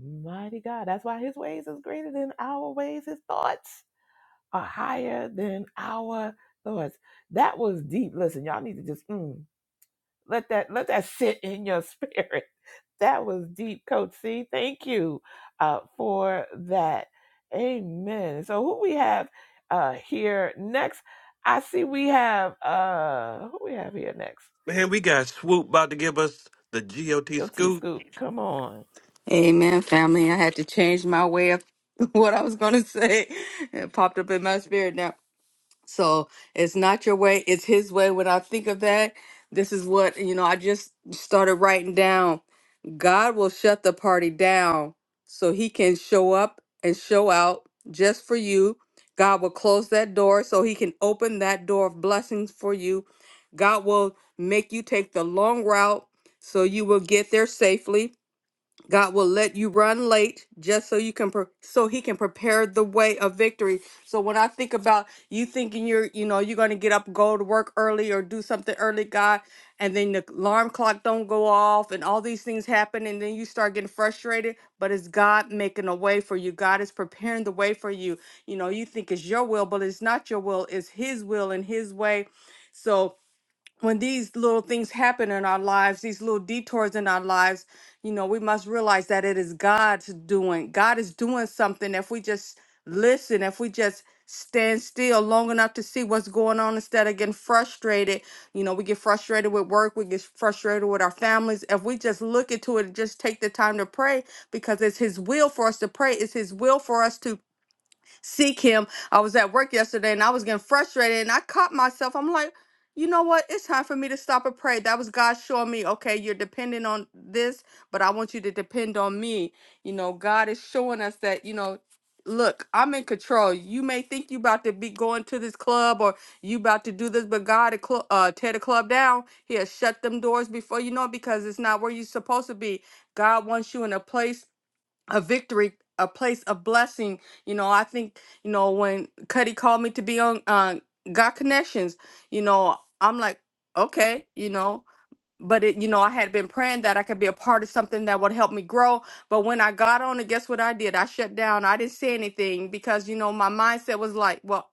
Mighty God. That's why his ways is greater than our ways. His thoughts are higher than our thoughts. That was deep. Listen, y'all need to just mm. Let that let that sit in your spirit. That was deep, Coach C. Thank you uh, for that. Amen. So who we have uh, here next? I see we have uh who we have here next?
Man, we got Swoop about to give us the GOT
Yo T
scoop.
Scoop, come on.
Amen, family. I had to change my way of what I was going to say. It popped up in my spirit now. So it's not your way, it's His way. When I think of that, this is what, you know, I just started writing down God will shut the party down so He can show up and show out just for you. God will close that door so He can open that door of blessings for you. God will make you take the long route so you will get there safely. God will let you run late just so you can pre- so he can prepare the way of victory. So when I think about you thinking you're you know you're going to get up go to work early or do something early God and then the alarm clock don't go off and all these things happen and then you start getting frustrated but it's God making a way for you. God is preparing the way for you. You know, you think it's your will but it's not your will, it's his will and his way. So when these little things happen in our lives, these little detours in our lives, you know, we must realize that it is God's doing. God is doing something if we just listen, if we just stand still long enough to see what's going on instead of getting frustrated. You know, we get frustrated with work, we get frustrated with our families. If we just look into it and just take the time to pray because it's his will for us to pray, it's his will for us to seek him. I was at work yesterday and I was getting frustrated and I caught myself. I'm like, you know what? It's time for me to stop and pray. That was God showing me, okay, you're dependent on this, but I want you to depend on me. You know, God is showing us that, you know, look, I'm in control. You may think you about to be going to this club or you about to do this, but God to cl- uh, tear the club down. He'll shut them doors before you know it because it's not where you're supposed to be. God wants you in a place a victory, a place of blessing. You know, I think, you know, when Cuddy called me to be on uh God Connections, you know, I'm like, okay, you know. But it, you know, I had been praying that I could be a part of something that would help me grow. But when I got on it, guess what I did? I shut down. I didn't say anything because, you know, my mindset was like, well,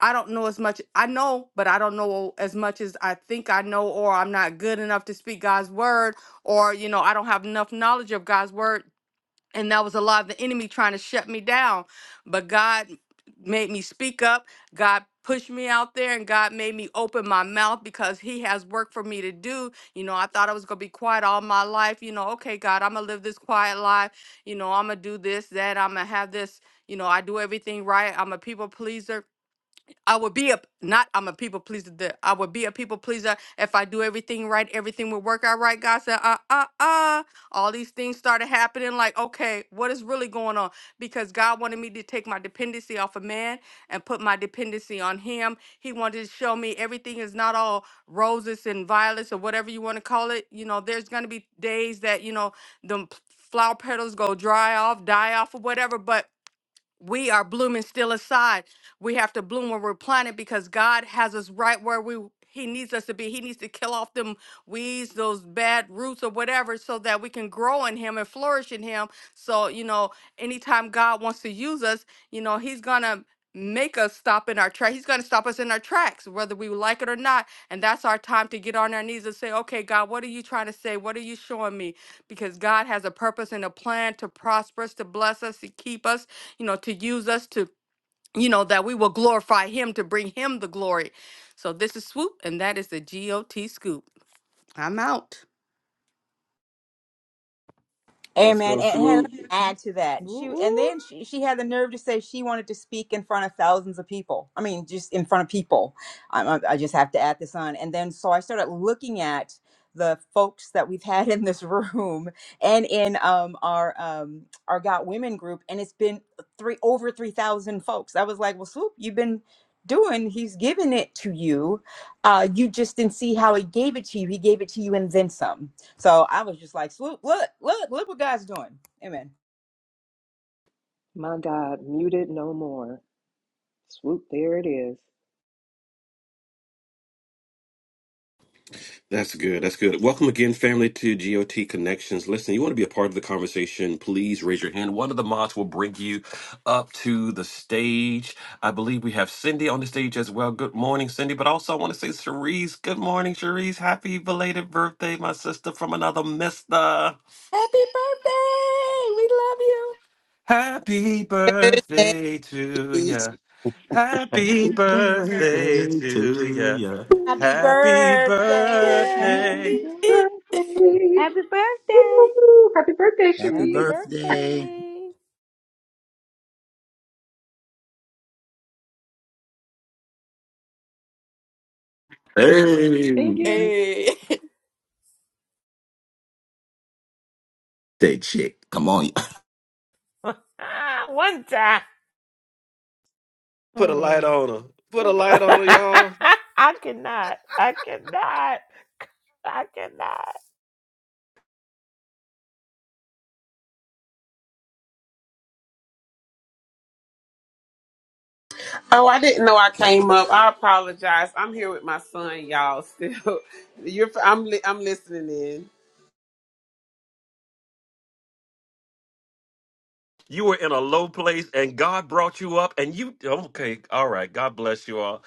I don't know as much. I know, but I don't know as much as I think I know, or I'm not good enough to speak God's word, or, you know, I don't have enough knowledge of God's word and that was a lot of the enemy trying to shut me down but god made me speak up god pushed me out there and god made me open my mouth because he has work for me to do you know i thought i was going to be quiet all my life you know okay god i'm going to live this quiet life you know i'm going to do this that i'm going to have this you know i do everything right i'm a people pleaser I would be a not I'm a people pleaser. that- I would be a people pleaser if I do everything right, everything would work out right. God said, uh uh uh. All these things started happening. Like, okay, what is really going on? Because God wanted me to take my dependency off of man and put my dependency on Him. He wanted to show me everything is not all roses and violets or whatever you want to call it. You know, there's gonna be days that you know the flower petals go dry off, die off, or whatever. But we are blooming still aside. We have to bloom where we're planted because God has us right where we He needs us to be. He needs to kill off them weeds, those bad roots or whatever, so that we can grow in Him and flourish in Him. So, you know, anytime God wants to use us, you know, He's gonna make us stop in our tracks. He's gonna stop us in our tracks, whether we like it or not. And that's our time to get on our knees and say, okay, God, what are you trying to say? What are you showing me? Because God has a purpose and a plan to prosper us, to bless us, to keep us you know, to use us to, you know, that we will glorify him to bring him the glory. So this is Swoop, and that is the GOT Scoop. I'm out.
Let's
Amen.
go,
And hey, let
Swoop.
me add to that.
Woo
She and
woo.
then she, she had the nerve to say she wanted to speak in front of thousands of people. I mean, just in front of people. I, I I just have to add this on. And then so I started looking at the folks that we've had in this room and in um, our um, our Got Women group, and it's been three over three thousand folks. I was like, well, Swoop, you've been doing. He's given it to you. Uh, you just didn't see how he gave it to you. He gave it to you and then some So I was just like, look, look, look, look what God's doing. Amen.
My God, muted no more. Swoop, there it is.
That's good. That's good. Welcome again, family, to GOT Connections. Listen, you want to be a part of the conversation, please raise your hand. One of the mods will bring you up to the stage. I believe we have Cindy on the stage as well. Good morning, Cindy. But also, I want to say, Cherise, good morning, Cherise. Happy belated birthday, my sister from another mister.
Happy birthday! We love you.
Happy birthday to
Thursdays.
ya.
Happy
Happy birthday
birthday
to
to
ya.
ya.
Happy
Happy
birthday.
Happy
birthday.
Yay.
birthday!
Happy birthday!
Woo! Happy birthday,
Happy
Happy
Sharice.
birthday.
birthday.
Hey,
Thank you.
Hey.
that chick, Come on,
One time.
Put a light
Oh.
on her. Put a light on her, y'all.
I cannot. I cannot. I cannot.
Oh, I didn't know I came up. I apologize. I'm here with my son, y'all. Still, you're. I'm. Li- I'm listening in.
You were in a low place and God brought you up and you okay, all right. God bless you all.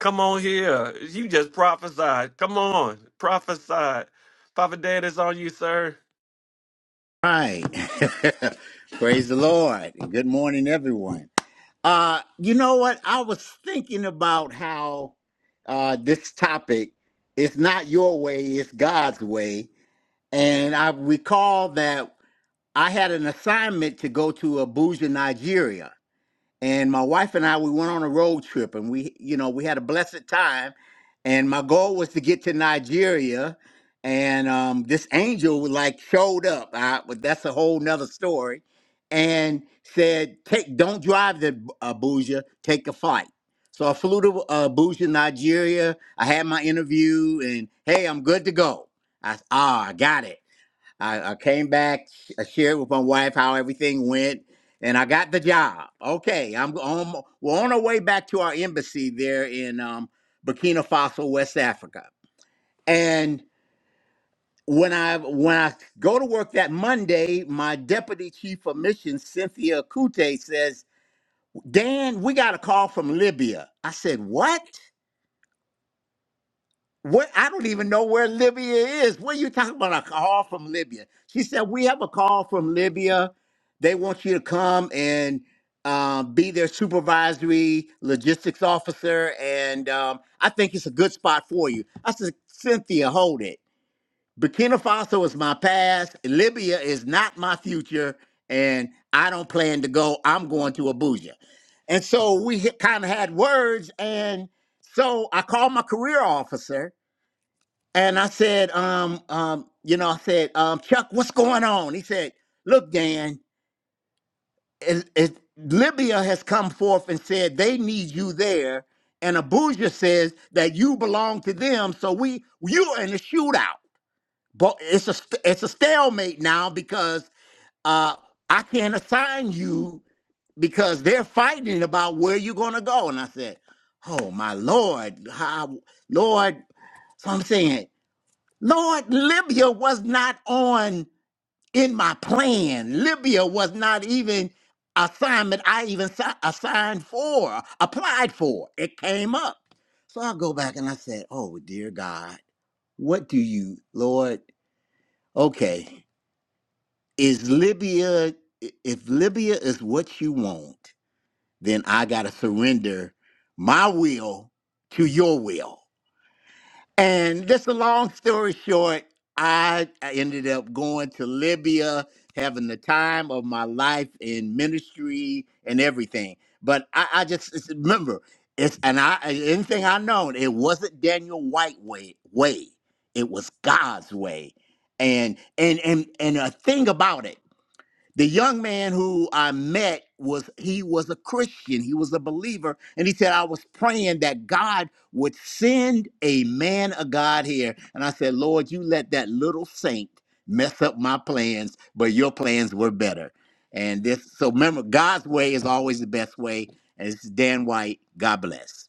Come on here. You just prophesied. Come on. Prophesied. Papa Dad is on you, sir.
Right. Praise the Lord. Good morning, everyone. Uh, you know what? I was thinking about how uh, this topic is not your way, it's God's way. And I recall that I had an assignment to go to Abuja, Nigeria and my wife and I we went on a road trip and we you know we had a blessed time and my goal was to get to Nigeria and um this angel like showed up I, but that's a whole nother story and said take don't drive to Abuja take a flight so I flew to uh, Abuja Nigeria I had my interview and hey I'm good to go I s- ah I got it I, I came back, I shared with my wife how everything went, and I got the job. Okay, I'm on. We're on our way back to our embassy there in um, Burkina Faso, West Africa. And when I when I go to work that Monday, my deputy chief of missions, Cynthia Kute, says, "Dan, we got a call from Libya." I said, "What?" What I don't even know where Libya is. What are you talking about? A call from Libya. She said, We have a call from Libya. They want you to come and um, be their supervisory logistics officer. And um, I think it's a good spot for you. I said, Cynthia, hold it. Burkina Faso is my past. Libya is not my future. And I don't plan to go. I'm going to Abuja. And so we kind of had words. And so I called my career officer and I said, um, um, you know, I said, um, Chuck, what's going on? He said, look, Dan, it, it, Libya has come forth and said they need you there. And Abuja says that you belong to them. So we, you're in a shootout. But it's a, st- it's a stalemate now because uh, I can't assign you because they're fighting about where you're going to go. And I said, oh, my Lord, how, Lord, so I'm saying Lord, Libya was not on in my plan. Libya was not even assignment I even si- assigned for, applied for. It came up. So I go back and I said, Oh, dear God, what do you, Lord? Okay, is Libya, i- if Libya is what you want, then I got to surrender my will to your will. And just a long story short, I I ended up going to Libya, having the time of my life in ministry and everything. But I, I just it's- remember it's and I and anything I known, it wasn't Daniel White way way. It was God's way. And and and and a thing about it the young man who I met was he was a Christian, he was a believer, and he said I was praying that God would send a man of God here. And I said, "Lord, you let that little saint mess up my plans, but your plans were better." And this so remember God's way is always the best way. And this is Dan White. God bless.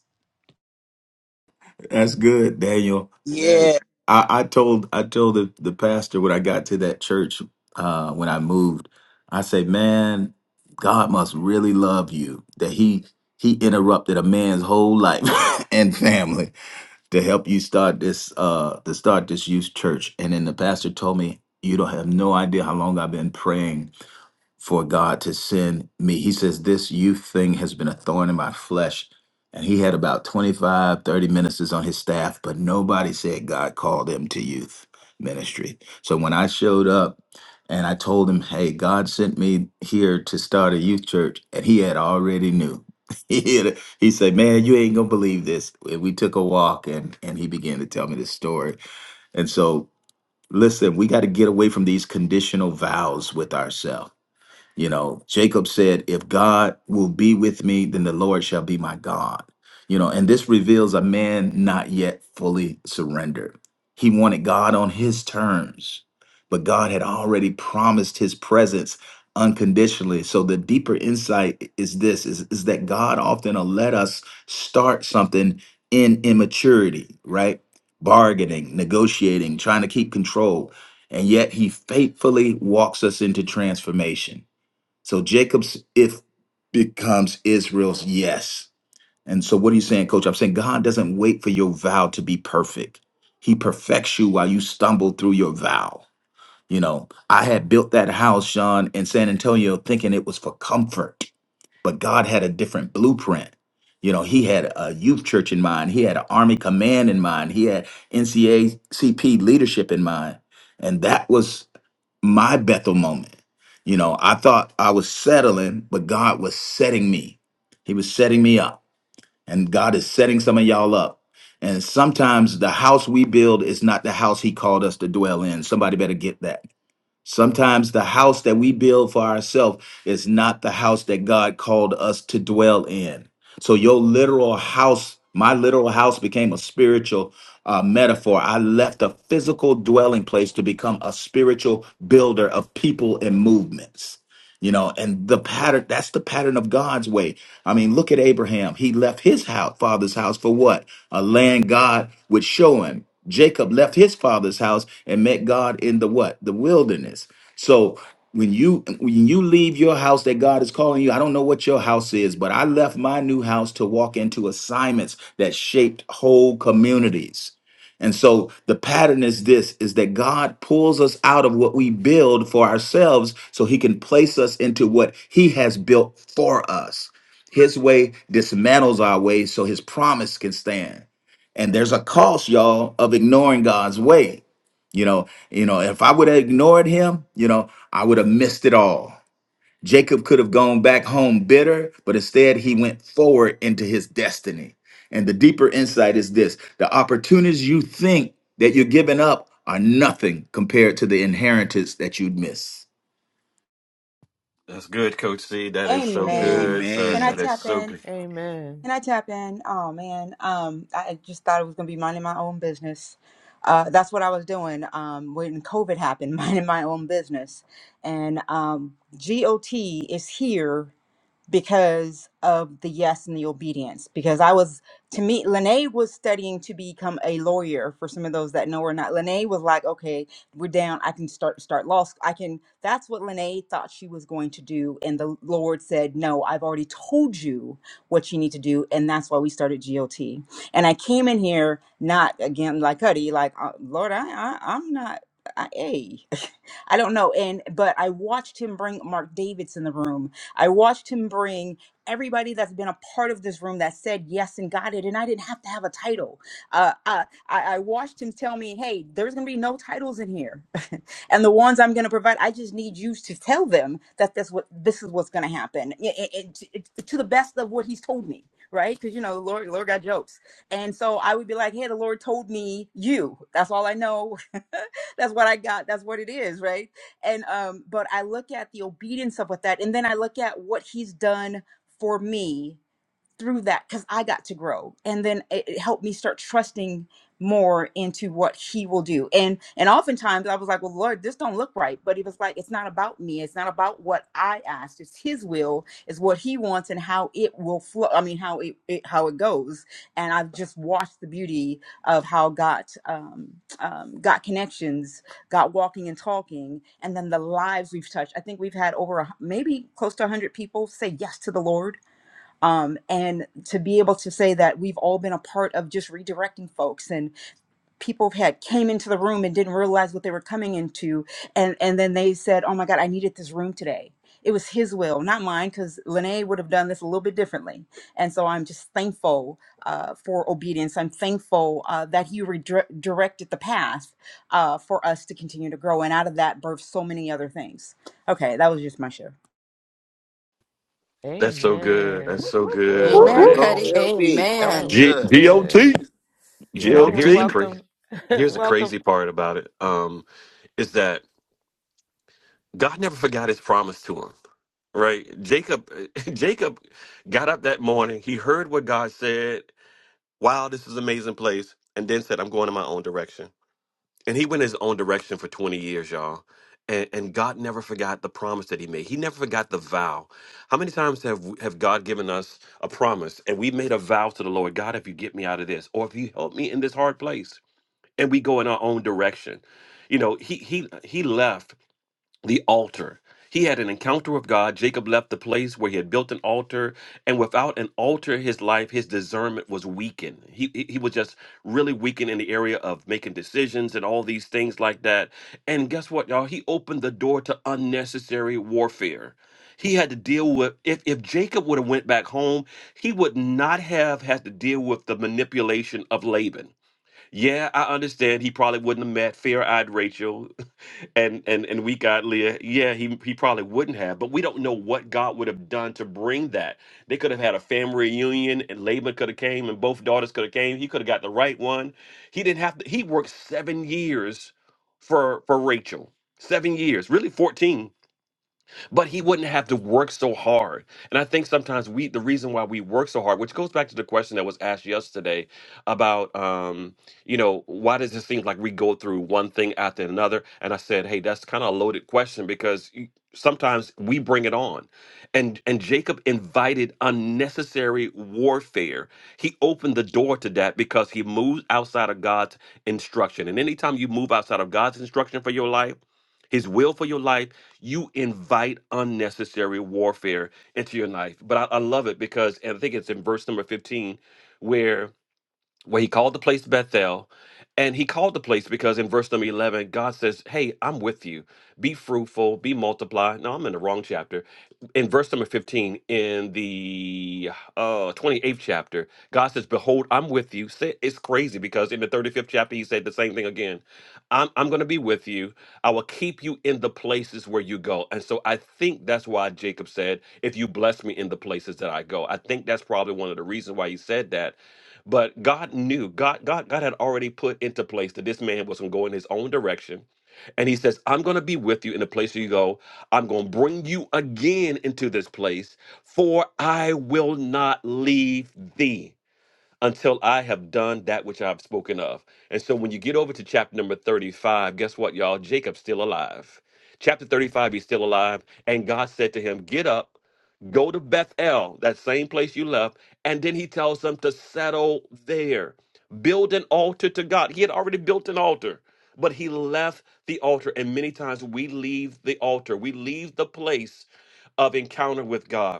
that's good, Daniel.
Man.
Yeah.
I, I told I told the, the pastor when I got to that church uh, when I moved. I said, man, God must really love you that he he interrupted a man's whole life and family to help you start this uh to start this youth church. And then the pastor told me, you don't have no idea how long I've been praying for God to send me. He says, This youth thing has been a thorn in my flesh. And he had about 25, 30 ministers on his staff, but nobody said God called him to youth ministry. So when I showed up and I told him, Hey, God sent me here to start a youth church, and he had already knew. He, had, he said, Man, you ain't gonna believe this. And we took a walk and, and he began to tell me this story. And so, listen, we got to get away from these conditional vows with ourselves you know, Jacob said, If God will be with me, then the Lord shall be my God. You know, and this reveals a man not yet fully surrendered. He wanted God on his terms, but God had already promised his presence unconditionally. So the deeper insight is this is, is that God often will let us start something in immaturity, right? Bargaining, negotiating, trying to keep control. And yet he faithfully walks us into transformation so Jacob's if becomes Israel's yes. And so what are you saying, coach? I'm saying God doesn't wait for your vow to be perfect. He perfects you while you stumble through your vow. You know, I had built that house, Sean, in San Antonio thinking it was for comfort, but God had a different blueprint. You know, he had a youth church in mind. He had an army command in mind. He had NCACP leadership in mind. And that was my Bethel moment. You know, I thought I was settling, but God was setting me. He was setting me up. And God is setting some of y'all up. And sometimes the house we build is not the house he called us to dwell in. Somebody better get that. Sometimes the house that we build for ourselves is not the house that God called us to dwell in. So, your literal house, my literal house became a spiritual uh, metaphor. I left a physical dwelling place to become a spiritual builder of people and movements you know and the pattern that's the pattern of god's way i mean look at abraham he left his house father's house for what a land god would show him jacob left his father's house and met god in the what the wilderness so when you when you leave your house that god is calling you i don't know what your house is but i left my new house to walk into assignments that shaped whole communities and so the pattern is this is that God pulls us out of what we build for ourselves so he can place us into what he has built for us. His way dismantles our ways so his promise can stand. And there's a cost, y'all, of ignoring God's way. You know, you know, if I would have ignored him, you know, I would have missed it all. Jacob could have gone back home bitter, but instead he went forward into his destiny. And the deeper insight is this the opportunities you think that you're giving up are nothing compared to the inheritance that you'd miss.
That's good, Coach C. That is so
Amen.
good, sir.
Can I
That
Amen.
is
tap
so
in?
good.
Can I tap in? Oh man. Um, I just thought it was gonna be minding my own business. Uh, that's what I was doing um, when COVID happened, minding my own business. And um, GOT is here because of the yes and the obedience. Because I was, to me, Lene was studying to become a lawyer. For some of those that know or not, Lene was like, "Okay, we're down. I can start start law. sc- I can." That's what Lene thought she was going to do, and the Lord said, "No, I've already told you what you need to do," and that's why we started GOT. And I came in here not again like Cuddy, like uh, Lord, I, I I'm not. I, hey, I don't know. And but I watched him bring Mark Davids in the room I watched him bring everybody that's been a part of this room that said yes and got it, and I didn't have to have a title. Uh, uh, I, I watched him tell me, hey, there's going to be no titles in here. and the ones I'm going to provide, I just need you to tell them that that's what this is what's going to happen i- i- i- t- it- to the best of what he's told me. Right, because you know the Lord, the Lord got jokes, and so I would be like, "Hey, the Lord told me you. That's all I know. that's what I got. That's what it is, right?" and um but i look at the obedience of with that and then i look at what he's done for me through that because I got to grow, and then it, it helped me start trusting more into what He will do. And and oftentimes I was like, "Well, Lord, this don't look right," but He was like, "It's not about me. It's not about what I asked. It's His will. It's what He wants, and how it will flow. I mean, how it, it how it goes." And I've just watched the beauty of how God um, um, got connections, got walking and talking, and then the lives we've touched. I think we've had over a, maybe close to a hundred people say yes to the Lord um, and to be able to say that we've all been a part of just redirecting folks and people have had came into the room and didn't realize what they were coming into and and then they said oh my god i needed this room today it was his will not mine because lene would have done this a little bit differently and so i'm just thankful uh, for obedience i'm thankful uh, that he redirected the path uh, for us to continue to grow and out of that birth so many other things okay that was just my share
That's so good. That's
Amen.
so
That
good.
was
Whoop,
Amen,
Like,
whoop.
Cuddy.
good. That
Amen.
was
G-
Good.
GOT.
good. Well,
yeah.
I
And
want to
here's the
GOT.
crazy
welcome,
here's the
welcome.
crazy part about it. Um, is that God never forgot his promise to him, right? Jacob, Jacob got up that morning. He heard what God said. Wow, this is an amazing place. And then said, I'm going in my own direction. And he went his own direction for 20 years, y'all. And, and God never forgot the promise that he made. He never forgot the vow. How many times have have God given us a promise and we made a vow to the Lord, God, if you get me out of this, or if you help me in this hard place, and we go in our own direction. You know, he he he left the altar. He had an encounter with God. Jacob left the place where he had built an altar, and without an altar, his life, his discernment was weakened. He he he was just really weakened in the area of making decisions and all these things like that. And guess what, y'all? He opened the door to unnecessary warfare. He had to deal with if, if Jacob would have went back home, he would not have had to deal with the manipulation of Laban yeah, I understand. He probably wouldn't have met fair-eyed Rachel and and and we got Leah. Yeah, he he probably wouldn't have, but we don't know what God would have done to bring that. They could have had a family reunion, and Laban could have came, and both daughters could have came. He could have got the right one. He didn't have to. He worked seven years for for Rachel. Seven years, really fourteen but he wouldn't have to work so hard. And I think sometimes we, the reason why we work so hard, which goes back to the question that was asked yesterday about, um, you know, why does it seem like we go through one thing after another? And I said, hey, that's kind of a loaded question because y- sometimes we bring it on. And and Jacob invited unnecessary warfare. He opened the door to that because he moved outside of God's instruction. And anytime you move outside of God's instruction for your life, his will for your life you invite unnecessary warfare into your life. But I, I love it because, and I think it's in verse number 15, where where he called the place Bethel. And he called the place because in verse number 11, God says, Hey, I'm with you. Be fruitful, be multiply. No, I'm in the wrong chapter. In verse number 15, in the uh, 28th chapter, God says, Behold, I'm with you. Say- It's crazy because in the 35th chapter, he said the same thing again. I'm, I'm going to be with you. I will keep you in the places where you go. And so I think that's why Jacob said, If you bless me in the places that I go. I think that's probably one of the reasons why he said that but God knew, God, God, God had already put into place that this man was going to go in his own direction. And he says, I'm going to be with you in the place you go. I'm going to bring you again into this place, for I will not leave thee until I have done that which I've spoken of. And so when you get over to chapter number 35, guess what, y'all? Jacob's still alive. Chapter 35, he's still alive. And God said to him, Get up, go to Bethel, that same place you left. And then he tells them to settle there, build an altar to God. He had already built an altar, but he left the altar. And many times we leave the altar, we leave the place of encounter with God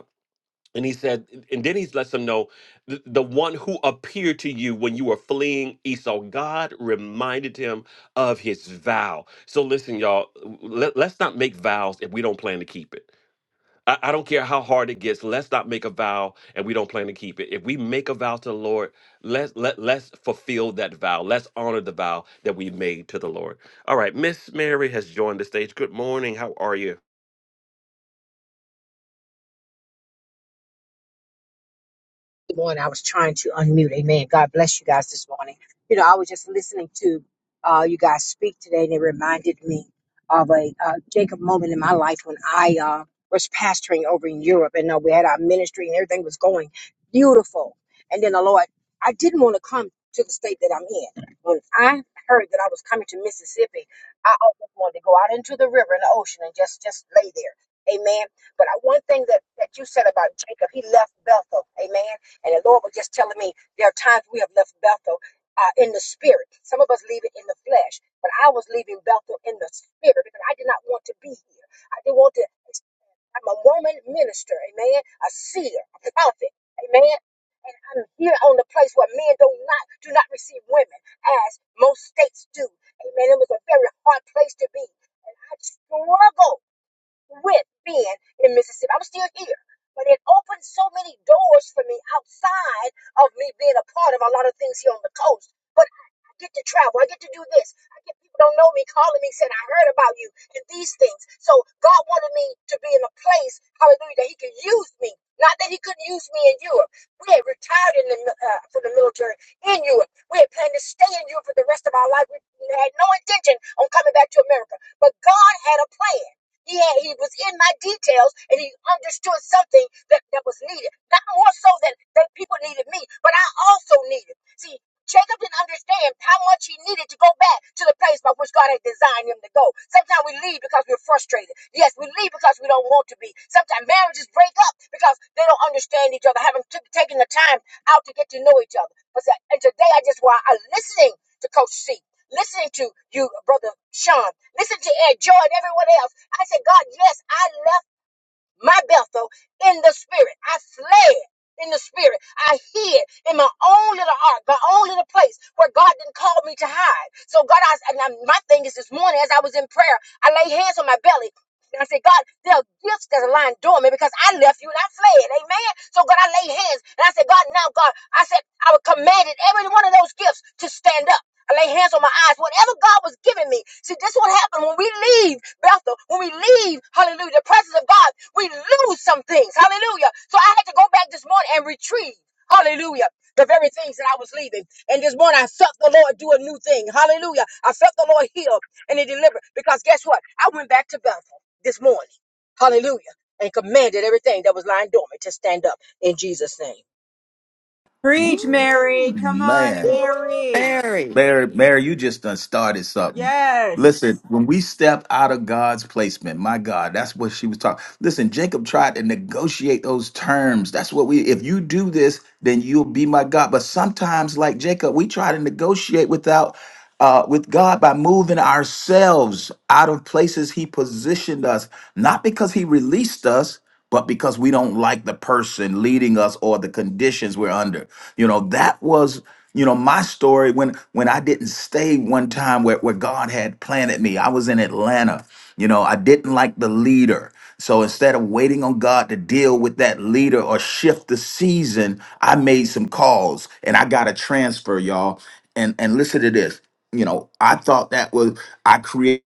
and he said, and then he lets them know the, the one who appeared to you when you were fleeing Esau, God reminded him of his vow. So listen, y'all, let, us not make vows if we don't plan to keep it. I, I don't care how hard it gets. Let's not make a vow and we don't plan to keep it. If we make a vow to the Lord, let's let, let's fulfill that vow. Let's honor the vow that we made to the Lord. All right, Miss Mary has joined the stage. Good morning. How are you?
Good morning. I was trying to unmute. Amen. God bless you guys this morning. You know, I was just listening to uh, you guys speak today, and it reminded me of a uh, Jacob moment in my life when I uh, was pastoring over in Europe, and uh, we had our ministry, and everything was going beautiful. And then the Lord, I didn't want to come to the state that I'm in. When I heard that I was coming to Mississippi, I almost wanted to go out into the river and the ocean and just just lay there. Amen. But I, one thing that, that you said about Jacob, he left Bethel. Amen and the Lord was just telling me there are times we have left Bethel uh, in the spirit. Some of us leave it in the flesh, but I was leaving Bethel in the spirit because I did not want to be here. I didn't want to. I'm a woman minister, amen, a seer, a prophet, amen. And I'm here on the place where men do not do not receive women as most states do. Amen. It was a very hard place to be. And I struggled with being in Mississippi. I'm still here. But it opened so many doors for me outside of me being a part of a lot of things here on the coast. But I get to travel. I get to do this. I get people don't know me calling me saying, I heard about you and these things. So God wanted me to be in a place, hallelujah, that he could use me. Not that he couldn't use me in Europe. We had retired in the, uh, from the military in Europe. We had planned to stay in Europe for the rest of our life. We had no intention on coming back to America. But God had a plan. He had, he was in my details and he understood something that, that was needed. Not more so than, than people needed me, but I also needed. See, Jacob didn't understand how much he needed to go back to the place by which God had designed him to go. Sometimes we leave because we're frustrated. Yes, we leave because we don't want to be. Sometimes marriages break up because they don't understand each other, haven't t- taken the time out to get to know each other. But and today I just want I'm listening to Coach C listening to you, Brother Sean, listening to Ed, Joy, and everyone else. I said, God, yes, I left my Bethel in the spirit. I fled in the spirit. I hid in my own little ark, my own little place where God didn't call me to hide. So God, I, and I'm- my thing is this morning as I was in prayer, I laid hands on my belly and I said, God, there are gifts that are lying dormant because I left you and I fled. Amen. So God, I lay hands and I said, God, now God, I said, I would commanded every one of those gifts to stand up. I lay hands on my eyes. Whatever God was giving me. See, this is what happened when we leave Bethel. When we leave, hallelujah, the presence of God, we lose some things. Hallelujah. So I had to go back this morning and retrieve. Hallelujah. The very things that I was leaving. And this morning I felt the Lord do a new thing. Hallelujah. I felt the Lord heal and He delivered. Because guess what? I went back to Bethel this morning. Hallelujah. And commanded everything that was lying dormant to stand up in Jesus' name.
Preach, Mary.
Woo,
Come on,
man.
Mary.
Mary,
Mary, Mary, you just done started something. Listen,
Yes.
when we step out of God's placement, my God, that's what she was talking. Listen, Jacob tried to negotiate those terms. That's what we, if you do this, then you'll be my God. But sometimes, like Jacob, we try to negotiate without uh, with God by moving ourselves out of places He positioned us, not because He released us but because we don't like the person leading us or the conditions we're under. You know, that was, you know, my story when when I didn't stay one time where, where God had planted me. I was in Atlanta. You know, I didn't like the leader. So instead of waiting on God to deal with that leader or shift the season, I made some calls and I got a transfer, y'all. And and listen to this. You know, I thought that was I created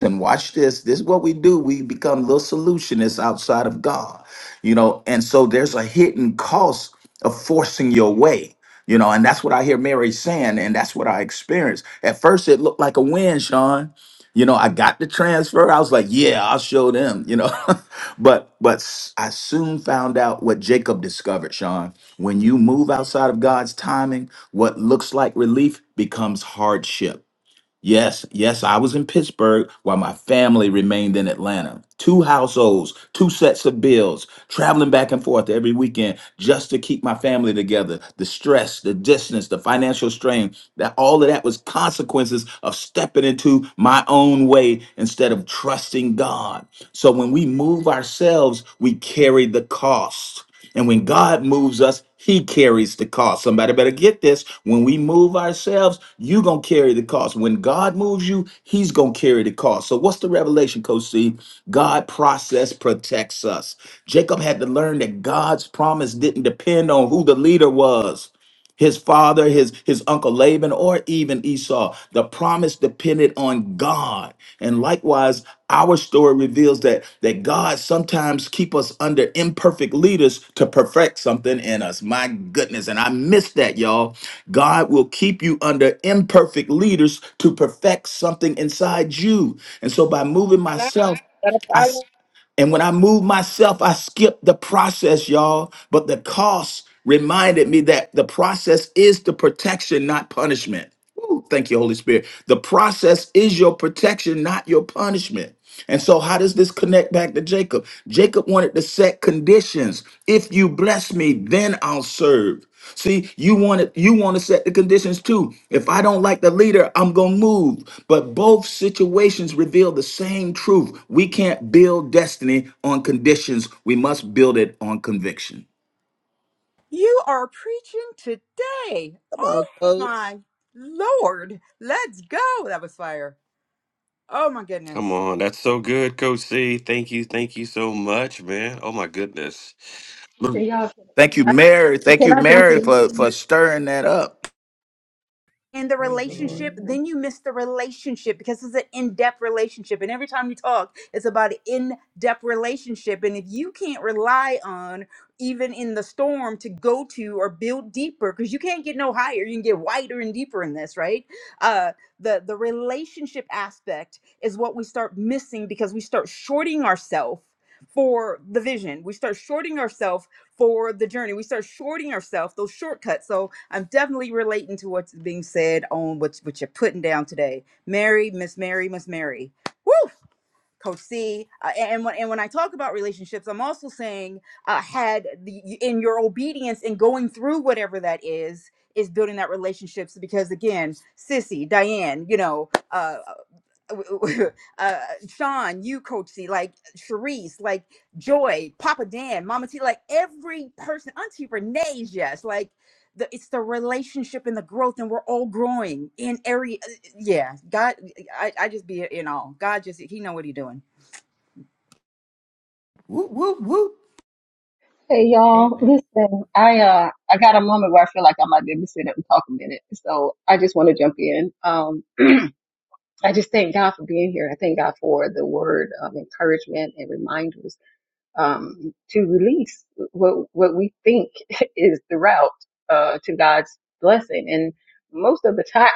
and watch this. This is what we do. We become little solutionists outside of God, you know. And so there's a hidden cost of forcing your way, you know. And that's what I hear Mary saying, and that's what I experienced. At first, it looked like a win, Sean. You know, I got the transfer. I was like, yeah, I'll show them, you know. but but s- I soon found out what Jacob discovered, Sean. When you move outside of God's timing, what looks like relief becomes hardship Yes, yes, I was in Pittsburgh while my family remained in Atlanta. Two households, two sets of bills, traveling back and forth every weekend just to keep my family together. The stress, the distance, the financial strain, that all of that was consequences of stepping into my own way instead of trusting God. So when we move ourselves, we carry the cost. And when God moves us, he carries the cost. Somebody better get this. When we move ourselves, you going to carry the cost. When God moves you, he's going to carry the cost. So what's the revelation, Coach C? God process protects us. Jacob had to learn that God's promise didn't depend on who the leader was his father, his, his uncle Laban, or even Esau. The promise depended on God. And likewise, our story reveals that, that God sometimes keep us under imperfect leaders to perfect something in us. My goodness. And I missed that, y'all. God will keep you under imperfect leaders to perfect something inside you. And so by moving myself, and when I moved myself, I skipped the process, y'all. But the cost reminded me that the process is the protection, not punishment. Woo, thank you, Holy Spirit. The process is your protection, not your punishment. And so, how does this connect back to Jacob? Jacob wanted to set conditions. If you bless me, then I'll serve. See, you want it, you want to set the conditions too. If I don't like the leader, I'm gonna move. But both situations reveal the same truth. We can't build destiny on conditions. We must build it on conviction.
You are preaching today.
Come
Oh
on, coach.
my Lord. Let's go. That was fire. Oh my
Come
goodness.
on, that's so good, Coach C. Thank you, thank you so much, man. Oh my goodness.
Say y'all, can
Thank
can
you,
I,
Mary. Thank
can
you,
I jump
Mary,
in?
for,
please?
for stirring that up.
in the
Praise. the-
relationship,
Amen.
then you miss the relationship because it's an in depth relationship. And every time you talk, it's about an in depth relationship. And if you can't rely on, even in the storm, to go to or build deeper, because you can't get no higher, you can get wider and deeper in this, right? Uh, the, the relationship aspect is what we start missing because we start shorting ourselves for the vision. We start shorting ourselves for the journey. We start shorting ourselves those shortcuts. So I'm definitely relating to what's being said on what, what you're putting down today. Mary, Miss Mary, Miss Mary. Woo! Coach C, uh, and when and when I talk about relationships, I'm also saying uh, had the in your obedience and going through whatever that is is building that relationships because again, Sissy, Diane, you know, uh, uh, Sean, you, Coach C, like Sharice, like Joy, Papa Dan, Mama T, like every person, Auntie Renee's, yes, like the it's the relationship and the growth, and we're all growing in area. Yeah, God, I, I just be in all. God just He know what He doing.
Whoop, whoop, whoop.
Hey
Lord.
y'all,
Amen.
listen, I uh I got a moment where I feel like I might be able to sit up and talk a minute. So I just want to jump in. Um I just thank God for being here. I thank God for the word of encouragement and reminders um, to release what what we think is the route uh, to God's blessing. And most of the time,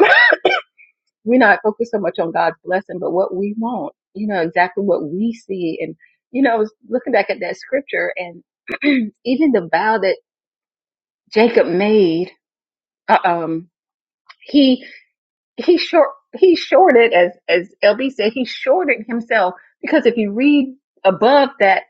we're not focused so much on God's blessing, but what we want. You know exactly what we see. And you know, I was looking back at that scripture, and even the vow that Jacob made, uh, um, he he short he shorted as as LB said, he shorted himself because if you read above that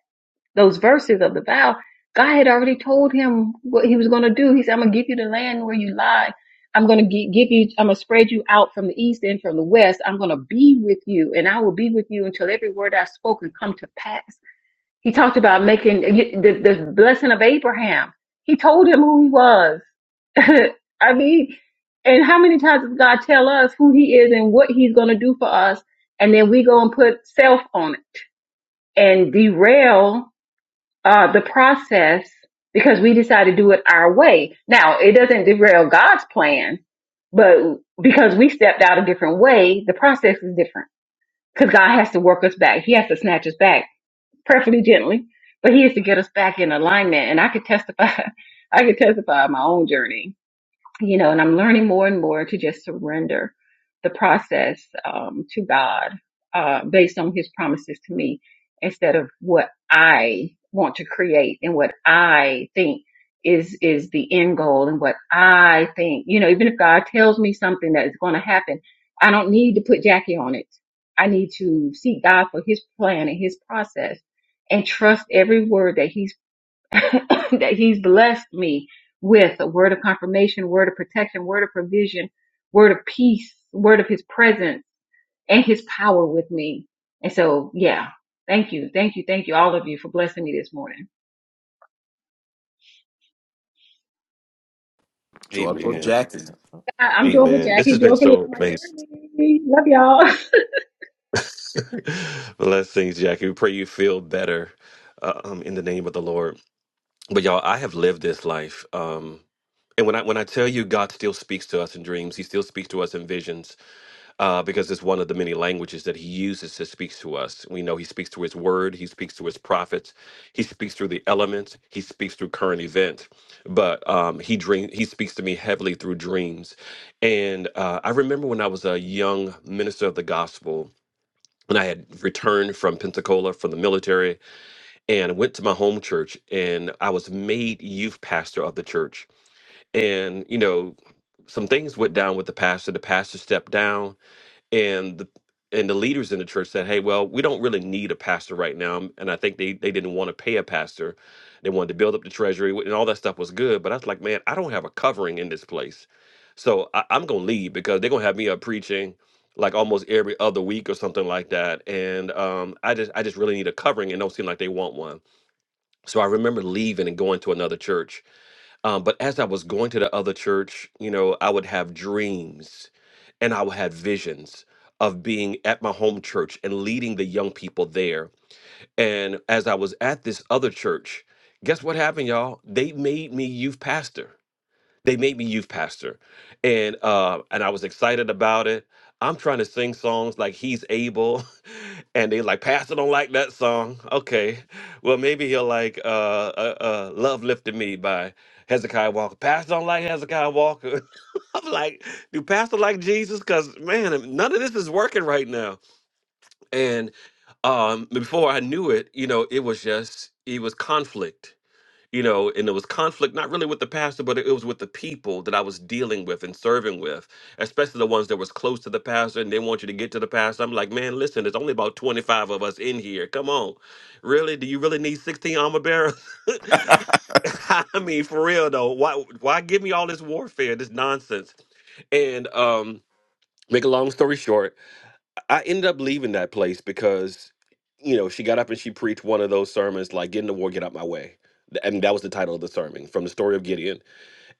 those verses of the vow, God had already told him what he was going to do. He said, I'm going to give you the land where you lie. I'm going to give you, I'm going to spread you out from the east and from the west. I'm going to be with you and I will be with you until every word I've spoken come to pass. He talked about making the, the blessing of Abraham. He told him who he was. I mean, and how many times does God tell us who he is and what he's going to do for us? And then we go and put self on it and derail uh, the process because we decided to do it our way. Now, it doesn't derail God's plan, but because we stepped out a different way, the process is different because God has to work us back. He has to snatch us back, perfectly gently, but He has to get us back in alignment. And I could testify, I could testify of my own journey you know, and I'm learning more and more to just surrender the process um, to God uh, based on His promises to me instead of what I want to create and what I think is is the end goal and what I think. You know, even if God tells me something that is going to happen, I don't need to put Jackie on it. I need to seek God for His plan and His process and trust every word that He's that he's blessed me with a word of confirmation, word of protection, word of provision, word of peace, word of his presence and his power with me. And so, yeah, thank you. Thank you. Thank you all of you for blessing me this morning.
George
Amen.
Jackson.
I- I'm joyful
Amen. This has
Jackie,
been
joyfully
so
on my
amazing.
journey. Love y'all.
Blessings, Jackie. We pray you feel better uh, um, in the name of the Lord. But y'all, I have lived this life. Um, and when I when I tell you God still speaks to us in dreams, He still speaks to us in visions. uh, because it's one of the many languages that he uses to speak to us. We know he speaks through his word, he speaks through his prophets, he speaks through the elements, he speaks through current event. But um, he dream he speaks to me heavily through dreams. And uh, I remember when I was a young minister of the gospel. When I had returned from Pensacola from the military and went to my home church, and I was made youth pastor of the church. And, you know, some things went down with the pastor. The pastor stepped down and the and the leaders in the church said, "Hey, well, we don't really need a pastor right now." And I think they they didn't want to pay a pastor. They wanted to build up the treasury, and all that stuff was good. But I was like, "Man, I don't have a covering in this place, so I, I'm gonna leave because they're gonna have me up preaching like almost every other week or something like that." And um, I just I just really need a covering, and don't seem like they want one. So I remember leaving and going to another church um, but as I was going to the other church, you know, I would have dreams and I would have visions of being at my home church and leading the young people there. And as I was at this other church, guess what happened, y'all? They made me youth pastor. They made me youth pastor. And uh, and I was excited about it. I'm trying to sing songs like he's able. and they like pastor don't like that song okay well maybe he'll like uh uh, uh love lifted me by hezekiah walker pastor don't like hezekiah walker i'm like do pastor like jesus because man none of this is working right now and um before i knew it you know it was just it was conflict you know, and it was conflict, not really with the pastor, but it was with the people that I was dealing with and serving with, especially the ones that was close to the pastor and they want you to get to the pastor. I'm like, man, listen, there's only about 25 of us in here. Come on. Really? Do you really need 16 armor bearers? I mean, for real though, why why give me all this warfare, this nonsense? And um, make a long story short, I ended up leaving that place because, you know, she got up and she preached one of those sermons like "Get in the war, get out my way," Th- and that was the title of the sermon from the story of Gideon.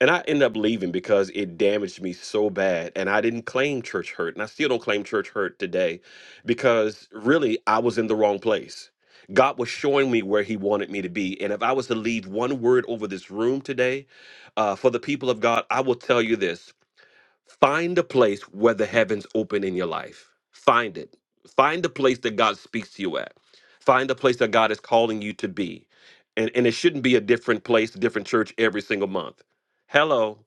And I ended up leaving because it damaged me so bad, and I didn't claim church hurt, and I still don't claim church hurt today, because really I was in the wrong place. God was showing me where He wanted me to be, and if I was to leave one word over this room today, uh, for the people of God, I will tell you this. Find a place where the heavens open in your life. Find it. Find the place that God speaks to you at. Find the place that God is calling you to be. And and it shouldn't be a different place, a different church every single month. Hello.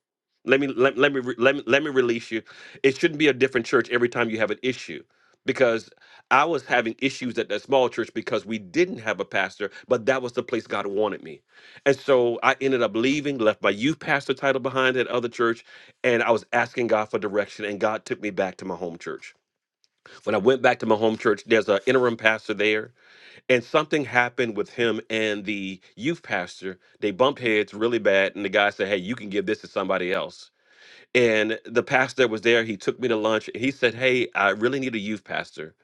Let me let, let me re- let me let me release you. It shouldn't be a different church every time you have an issue. Because I was having issues at that small church because we didn't have a pastor, but that was the place God wanted me. And so I ended up leaving, left my youth pastor title behind at other church, and I was asking God for direction, and God took me back to my home church. When I went back to my home church, there's an interim pastor there, and something happened with him and the youth pastor. They bumped heads really bad, and the guy said, Hey, you can give this to somebody else. And the pastor that was there, he took me to lunch and he said, Hey, I really need a youth pastor.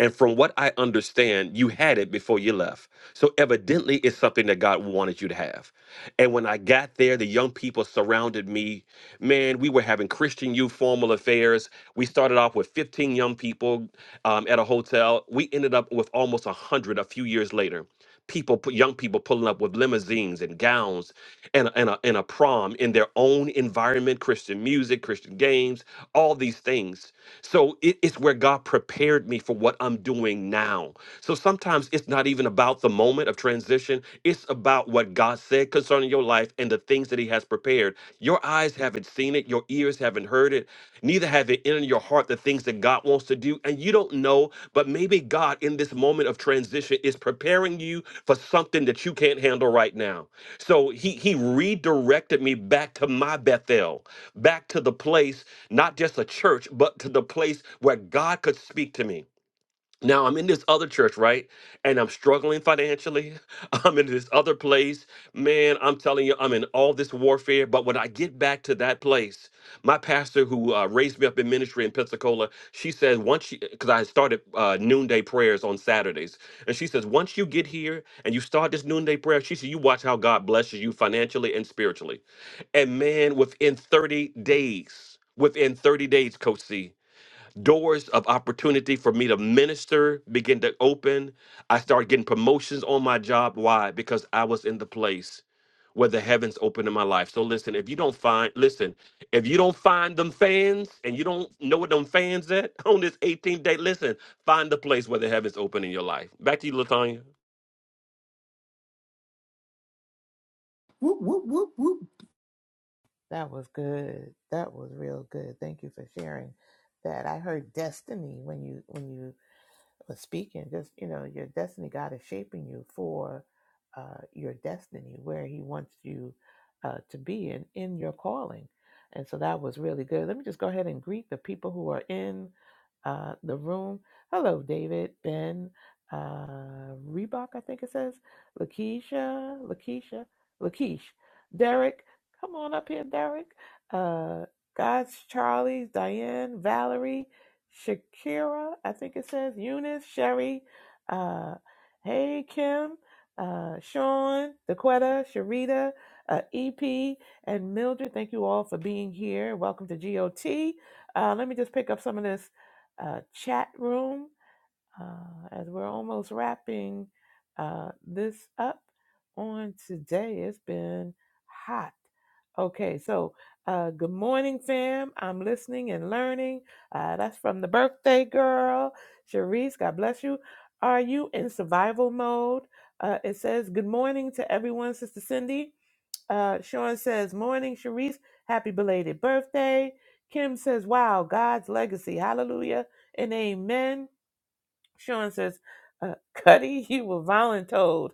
And from what I understand, you had it before you left. So evidently, it's something that God wanted you to have. And when I got there, the young people surrounded me. Man, we were having Christian youth formal affairs. We started off with 15 young people um, at a hotel. We ended up with almost 100 a few years later. People, pu- young people pulling up with limousines and gowns and, a- and, a, and a prom in their own own environment, Christian music, Christian games, all these things. So it- it's where God prepared me for what I'm doing now. So sometimes it's not even about the moment of transition, it's about what God said concerning your life and the things that He has prepared. Your eyes haven't seen it, your ears haven't heard it, neither have it entered your heart the things that God wants to do. And you don't know, but maybe God in this moment of transition is preparing you for something that you can't handle right now. So he he redirected me back to my Bethel, back to the place, not just a church, but to the place where God could speak to me now I'm in this other church, right? And I'm struggling financially. I'm in this other place. Man, I'm telling you, I'm in all this warfare. But when I get back to that place, my pastor who uh, raised me up in ministry in Pensacola, she said, once you, because I started uh, noonday prayers on Saturdays. And she says, once you get here and you start this noonday prayer, she said, you watch how God blesses you financially and spiritually. And man, within 30 days, within 30 days, Coach C, doors of opportunity for me to minister begin to open. I started getting promotions on my job. Why? Because I was in the place where the heavens opened in my life. So listen, if you don't find, listen, if you don't find them fans and you don't know what them fans at on this 18th day, listen, find the place where the heavens open in your life. Back to you, Latanya.
Whoop, whoop, whoop, whoop,
That was good. That was real good. Thank you for sharing that. I heard destiny when you when you was speaking, just you know, your destiny. God is shaping you for uh, your destiny, where He wants you uh, to be, and in your calling. And so that was really good. Let me just go ahead and greet the people who are in uh, the room. Hello, David, Ben, uh, Reebok, I think it says, Lakeisha, Lakeisha, Lakeish, Derek. Come on up here, Derek. Uh, God's Charlie, Diane, Valerie. Shakira, I think it says Eunice, Sherry, uh, Hey Kim, uh, Sean, Daquetta, Sharita, uh, EP, and Mildred. Thank you all for being here. Welcome to GOT. Uh, let me just pick up some of this uh, chat room uh, as we're almost wrapping uh, this up on today. It's been hot. Okay, so uh, good morning, fam. I'm listening and learning. Uh, that's from the birthday girl, Cherise. God bless you. Are you in survival mode? Uh, it says, Good morning to everyone, Sister Cindy. Uh, Sean says, Morning, Cherise. Happy belated birthday. Kim says, Wow, God's legacy. Hallelujah and amen. Sean says, uh, Cuddy, you were voluntold.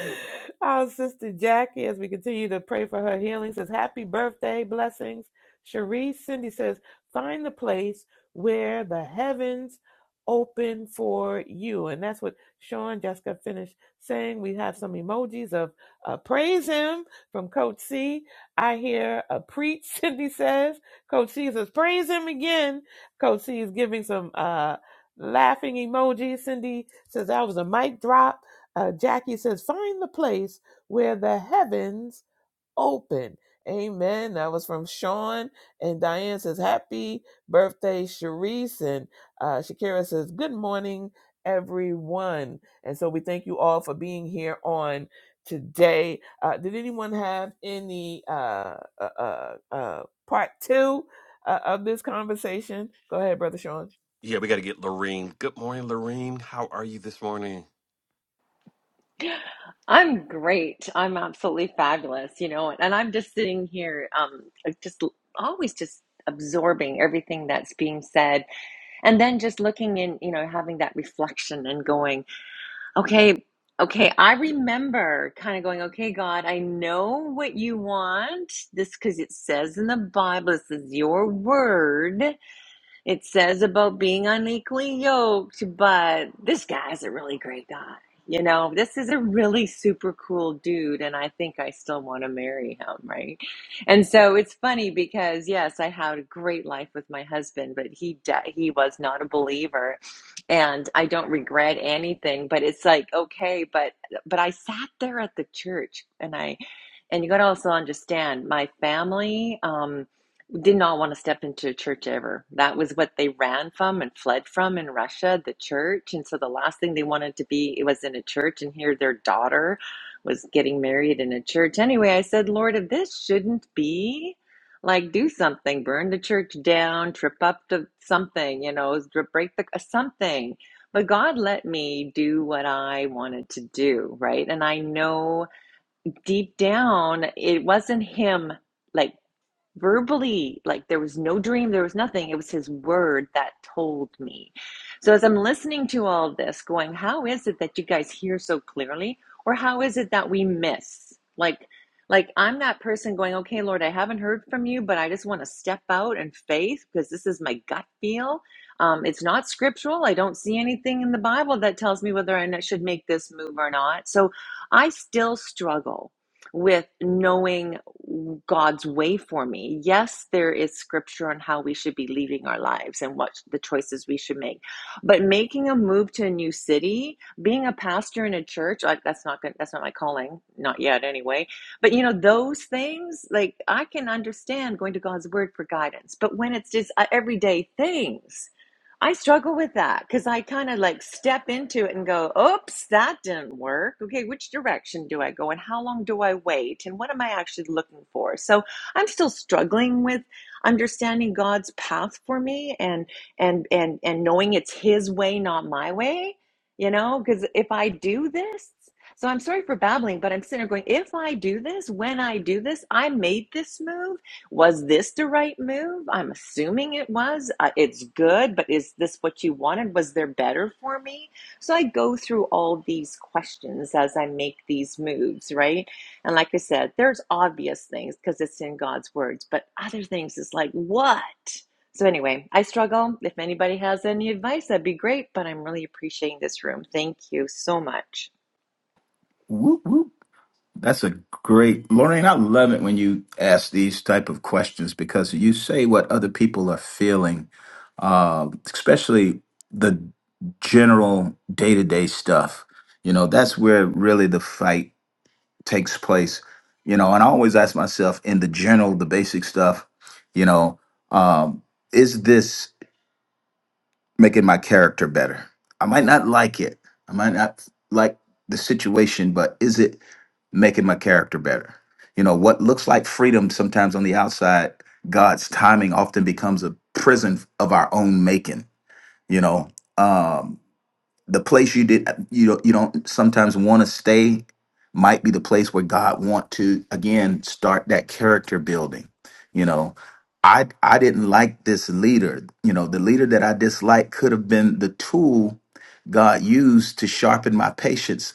Our sister Jackie, as we continue to pray for her healing, says, Happy birthday, blessings. Cherie Cindy says, Find the place where the heavens open for you. And that's what Sean Jessica finished saying. We have some emojis of uh, praise him from Coach C. I hear a preach, Cindy says. Coach C says, Praise him again. Coach C is giving some uh, laughing emojis. Cindy says, That was a mic drop uh, Jackie says, find the place where the heavens open. Amen. That was from Sean. And Diane says, happy birthday, Sharice. And uh, Shakira says, good morning, everyone. And so we thank you all for being here on today. Uh, did anyone have any uh, uh, uh, uh, part two uh, of this conversation? Go ahead, Brother Sean.
Yeah, we got to get Lorene. Good morning, Lorene. How are you this morning?
I'm great. I'm absolutely fabulous, you know, and I'm just sitting here, um, like, just l- always just absorbing everything that's being said, and then just looking in, you know, having that reflection and going, okay, okay, I remember kind of going, okay, God, I know what you want this because it says in the Bible, this is your word. It says about being unequally yoked, but this guy's a really great guy. You know, this is a really super cool dude, and I think I still want to marry him, right? And so it's funny because yes, I had a great life with my husband, but he de- he was not a believer, and I don't regret anything. But it's like okay, but but I sat there at the church and I and you got to also understand, my family um, did not want to step into a church ever. That was what they ran from and fled from in Russia, the church. And so the last thing they wanted to be it was in a church. And here their daughter was getting married in a church. Anyway, I said, Lord, if this shouldn't be, like do something, burn the church down, trip up to something, you know, break the uh, something. But God let me do what I wanted to do, right? And I know deep down, it wasn't him like verbally like there was no dream there was nothing it was his word that told me so as i'm listening to all of this going how is it that you guys hear so clearly or how is it that we miss like like i'm that person going okay lord i haven't heard from you but i just want to step out in faith because this is my gut feel um, it's not scriptural i don't see anything in the bible that tells me whether i should make this move or not so i still struggle with knowing God's way for me. Yes, there is scripture on how we should be leading our lives and what the choices we should make. But making a move to a new city, being a pastor in a church, like that's not good, that's not my calling, not yet anyway. But you know, those things, like I can understand going to God's word for guidance. But when it's just uh, everyday things, I struggle with that because I kind of like step into it and go, oops, that didn't work. Okay, which direction do I go and how long do I wait and what am I actually looking for? So I'm still struggling with understanding God's path for me and and and and knowing it's his way, not my way, you know, because if I do this, so I'm sorry for babbling, but I'm sitting there going, if I do this, when I do this, I made this move was this the right move? I'm assuming it was. Uh, it's good, but is this what you wanted? Was there better for me? So I go through all these questions as I make these moves, right? And like I said, there's obvious things because it's in God's words, but other things is like, what? So anyway, I struggle. If anybody has any advice, that'd be great, but I'm really appreciating this room. Thank you so much.
whoop, whoop. That's a great, Lorraine. I love it when you ask these type of questions because you say what other people are feeling, uh, especially the general day to day stuff. You know, that's where really the fight takes place. You know, and I always ask myself in the general, the basic stuff. You know, um, is this making my character better. I might not like it. I might not like the situation, but is it making my character better? You know, what looks like freedom sometimes on the outside, God's timing often becomes a prison of our own making, you know. Um the place you did you don't you don't sometimes want to stay might be the place where God want to again start that character building. You know, I I didn't like this leader. You know, the leader that I disliked could have been the tool God used to sharpen my patience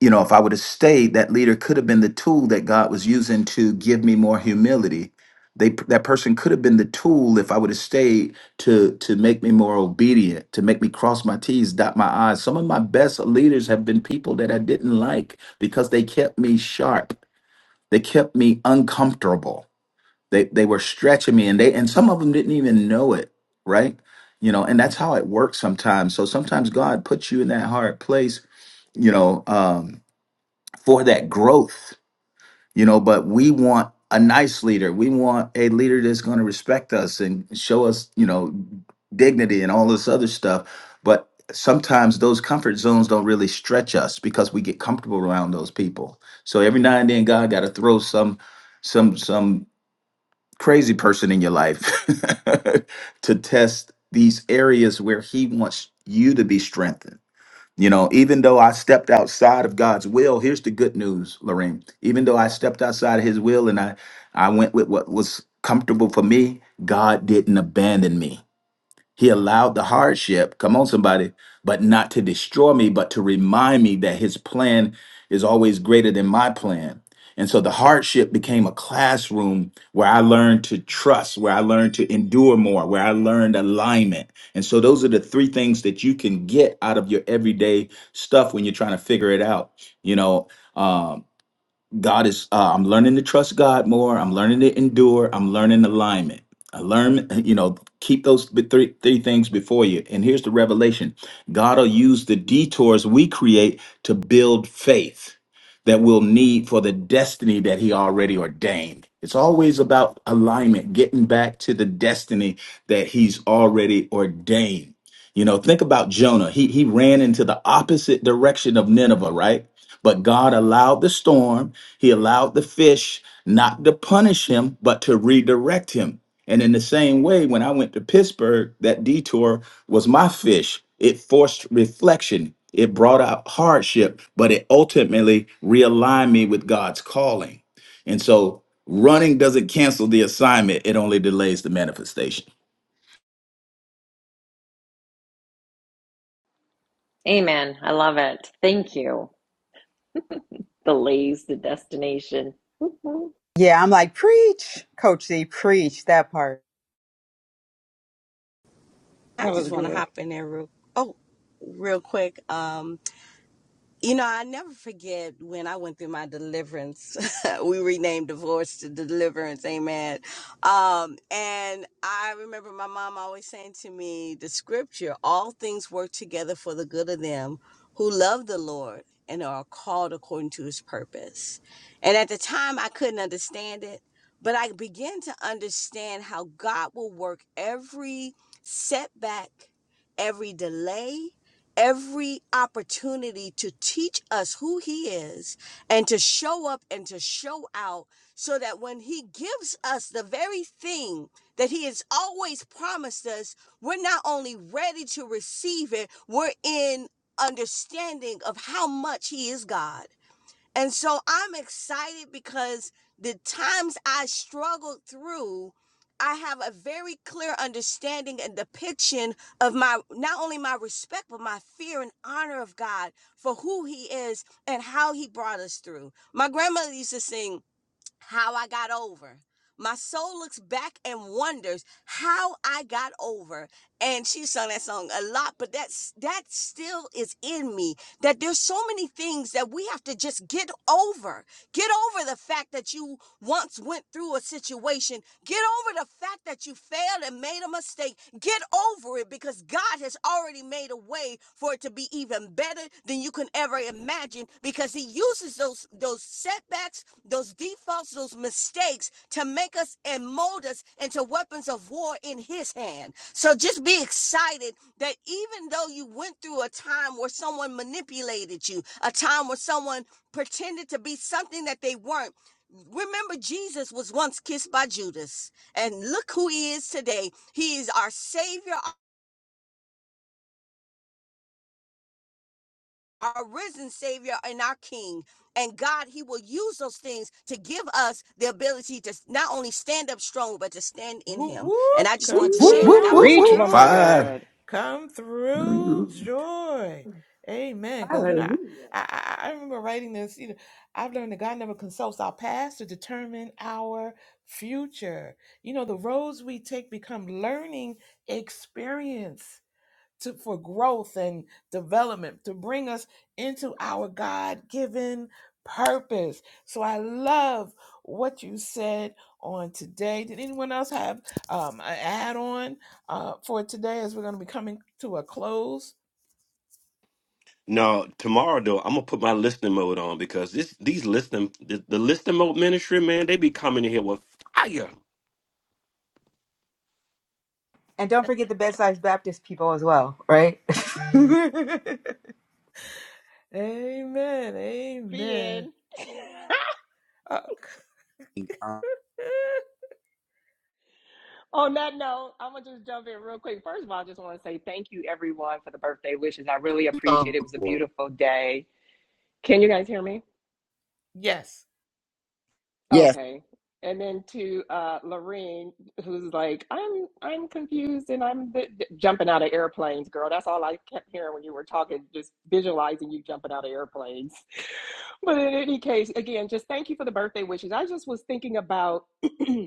you know, if I would have stayed, that leader could have been the tool that God was using to give me more humility. They that person could have been the tool if I would have stayed to to make me more obedient, to make me cross my T's, dot my I's. Some of my best leaders have been people that I didn't like because they kept me sharp. They kept me uncomfortable. They they were stretching me and they and some of them didn't even know it, right? You know, and that's how it works sometimes. So sometimes God puts you in that hard place, you know, um for that growth, you know. But we want a nice leader. We want a leader that's going to respect us and show us, you know, dignity and all this other stuff. But sometimes those comfort zones don't really stretch us because we get comfortable around those people. So every now and then, God got to throw some, some, some crazy person in your life to test these areas where He wants you to be strengthened you know, even though I stepped outside of God's will, here's the good news, Lorraine. Even though I stepped outside of his will and I I went with what was comfortable for me, God didn't abandon me. He allowed the hardship, come on, somebody, but not to destroy me, but to remind me that his plan is always greater than my plan. And so the hardship became a classroom where I learned to trust, where I learned to endure more, where I learned alignment. And so those are the three things that you can get out of your everyday stuff when you're trying to figure it out. You know, um, God is. Uh, I'm learning to trust God more. I'm learning to endure. I'm learning alignment. I learn, you know, keep those b- three three things before you. And here's the revelation: God will use the detours we create to build faith that we'll need for the destiny that He already ordained. It's always about alignment, getting back to the destiny that He's already ordained. You know, think about Jonah. He he ran into the opposite direction of Nineveh, right? But God allowed the storm, He allowed the fish not to punish him, but to redirect him. And in the same way, when I went to Pittsburgh, that detour was my fish. It forced reflection, it brought out hardship, but it ultimately realigned me with God's calling. And so running doesn't cancel the assignment, it only delays the manifestation.
Amen. I love it. Thank you. Delays the destination. Woo-hoo.
Yeah, I'm like, preach, Coach Z, preach that part.
I
That was
just want to
good.
hop in there real oh real quick. Um. You know, I never forget when I went through my deliverance. we renamed divorce to deliverance, amen. Um, and I remember my mom always saying to me the scripture, all things work together for the good of them who love the Lord and are called according to his purpose. And at the time, I couldn't understand it, but I began to understand how God will work every setback, every delay every opportunity to teach us who he is and to show up and to show out so that when he gives us the very thing that he has always promised us, we're not only ready to receive it, we're in understanding of how much he is God. And so I'm excited because the times I struggled through, I have a very clear understanding and depiction of my not only my respect, but my fear and honor of God for who He is and how He brought us through. My grandmother used to sing, how I got over. My soul looks back and wonders how I got over. And she sung that song a lot, but that's that still is in me. That there's so many things that we have to just get over. Get over the fact that you once went through a situation, get over the fact that you failed and made a mistake. Get over it because God has already made a way for it to be even better than you can ever imagine because he uses those those setbacks, those defaults, those mistakes to make us and mold us into weapons of war in his hand. So just be excited that even though you went through a time where someone manipulated you, a time where someone pretended to be something that they weren't, Remember, Jesus was once kissed by Judas, and look who he is today. He is our Savior, our risen Savior, and our King. And God, He will use those things to give us the ability to not only stand up strong, but to stand in
Whoop
Him. And
whoop,
I just
Whoop,
come
wanted to
whoop,
share that.
whoop,
God
whoop,
bless
through,
Preach,
whoop.
everyone.
woman of
joy,
Five.
God.
come through, joy. Amen. Because you know, I,
Hallelujah.
I I remember writing this. You know, I've learned that God never consults our past to determine our future. You know, the roads we take become learning experience to for growth and development to bring us into our god-given purpose so i love what you said on today did anyone else have um, an add-on uh, for today as we're going to be coming to a close
No, tomorrow though, I'm gonna put my listening mode on because this these listening the, the listening mode ministry, man, they be coming in here with fire.
And don't forget the Bedside Baptist people as well, right?
amen amen
being.
uh,
On that note, I'm gonna just jump in real quick. First of all, I just want to say thank you everyone for the birthday wishes. I really appreciate it. It
Uh,
was a beautiful day. Can you guys hear me?
yes
Yes.
Okay. And then to uh, Lorraine, who's like, I'm I'm confused and I'm th- th- jumping out of airplanes, girl. That's all I kept hearing when you were talking, just visualizing you jumping out of airplanes. But in any case, again, just thank you for the birthday wishes. I just was thinking about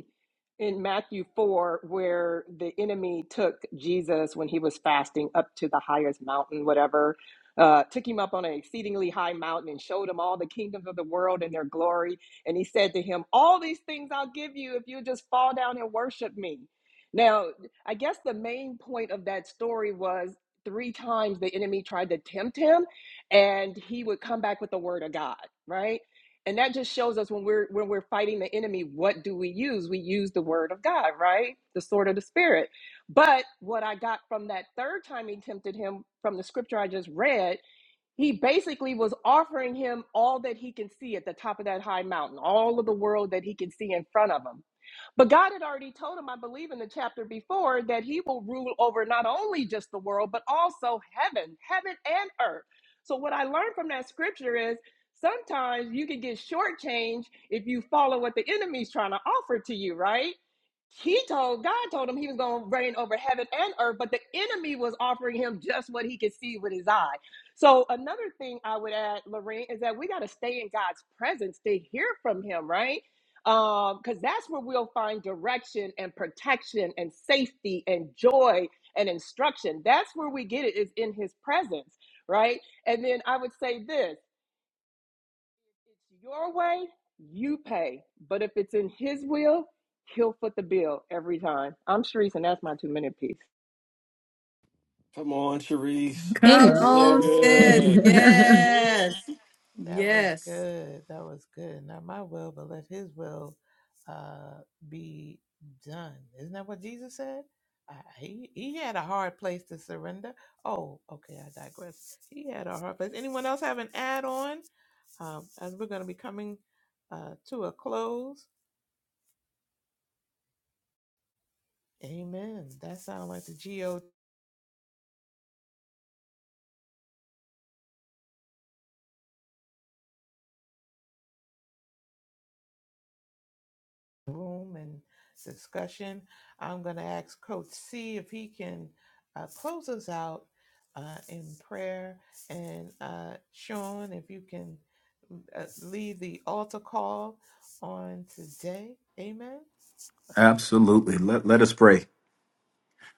in Matthew 4 where the enemy took Jesus when he was fasting up to the highest mountain, whatever, uh, took him up on an exceedingly high mountain and showed him all the kingdoms of the world and their glory. And he said to him, All these things I'll give you if you just fall down and worship me. Now, I guess the main point of that story was three times the enemy tried to tempt him, and he would come back with the word of God, right? and that just shows us when we're when we're fighting the enemy what do we use we use the word of god right the sword of the spirit but what i got from that third time he tempted him from the scripture i just read he basically was offering him all that he can see at the top of that high mountain, all of the world that he can see in front of him. But God had already told him, I believe in the chapter before, that he will rule over not only just the world, but also heaven, heaven and earth. So, what I learned from that scripture is sometimes you can get shortchanged if you follow what the enemy's trying to offer to you, right? he told God told him he was going to reign over heaven and earth, but the enemy was offering him just what he could see with his eye. So another thing I would add, Lorraine, is that we got to stay in God's presence to hear from Him, right? Um, Because that's where we'll find direction and protection and safety and joy and instruction. That's where we get it is in His presence, right? And then I would say this. It's your way, you pay. But if it's in his will, he'll foot the bill every time. I'm Sharice, and that's my two minute piece.
Come on, Sharice.
Woo,
come
Amen.
That's so
on,
woo.
sis.
good.
Woo, woo.
Yes.
That was
Yes.
good. That was good. Not my will, but let his will uh, be done. Isn't that what Jesus said? Uh, he, he had a hard place to surrender. Oh, okay, I digress. He had a hard place. Anyone else have an add on? Um, as we're going to be coming uh, to a close. Amen. That sounds like the GOT. room and discussion. I'm going to ask Coach C if he can uh, close us out uh, in prayer. And uh, Sean, if you can uh, lead the altar call on today. Amen.
Absolutely. Let, let us pray.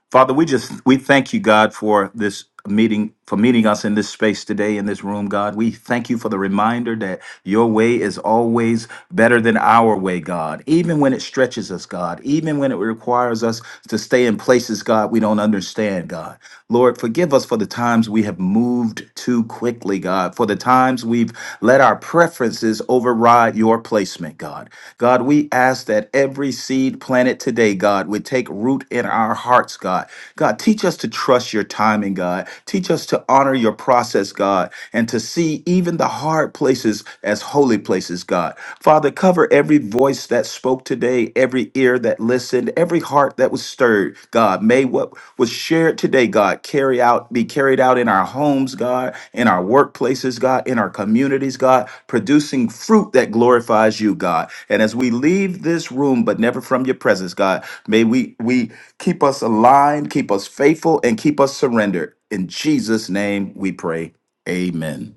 Father, we just we thank you, God, for this meeting, for meeting us in this space today in this room, God. We thank you for the reminder that your way is always better than our way, God. Even when it stretches us, God, even when it requires us to stay in places, God, we don't understand, God. Lord, forgive us for the times we have moved too quickly, God, for the times we've let our preferences override your placement, God. God, we ask that every seed planted today, God, would take root in our hearts, God. God, teach us to trust your timing, God. Teach us to honor your process, God, and to see even the hard places as holy places, God. Father, cover every voice that spoke today, every ear that listened, every heart that was stirred, God. May what was shared today, God, carry out, be carried out in our homes, God, in our workplaces, God, in our communities, God, producing fruit that glorifies you, God. And as we leave this room, but never from your presence, God, may we we keep us aligned, keep us faithful, and keep us surrendered. In Jesus' name we pray. Amen.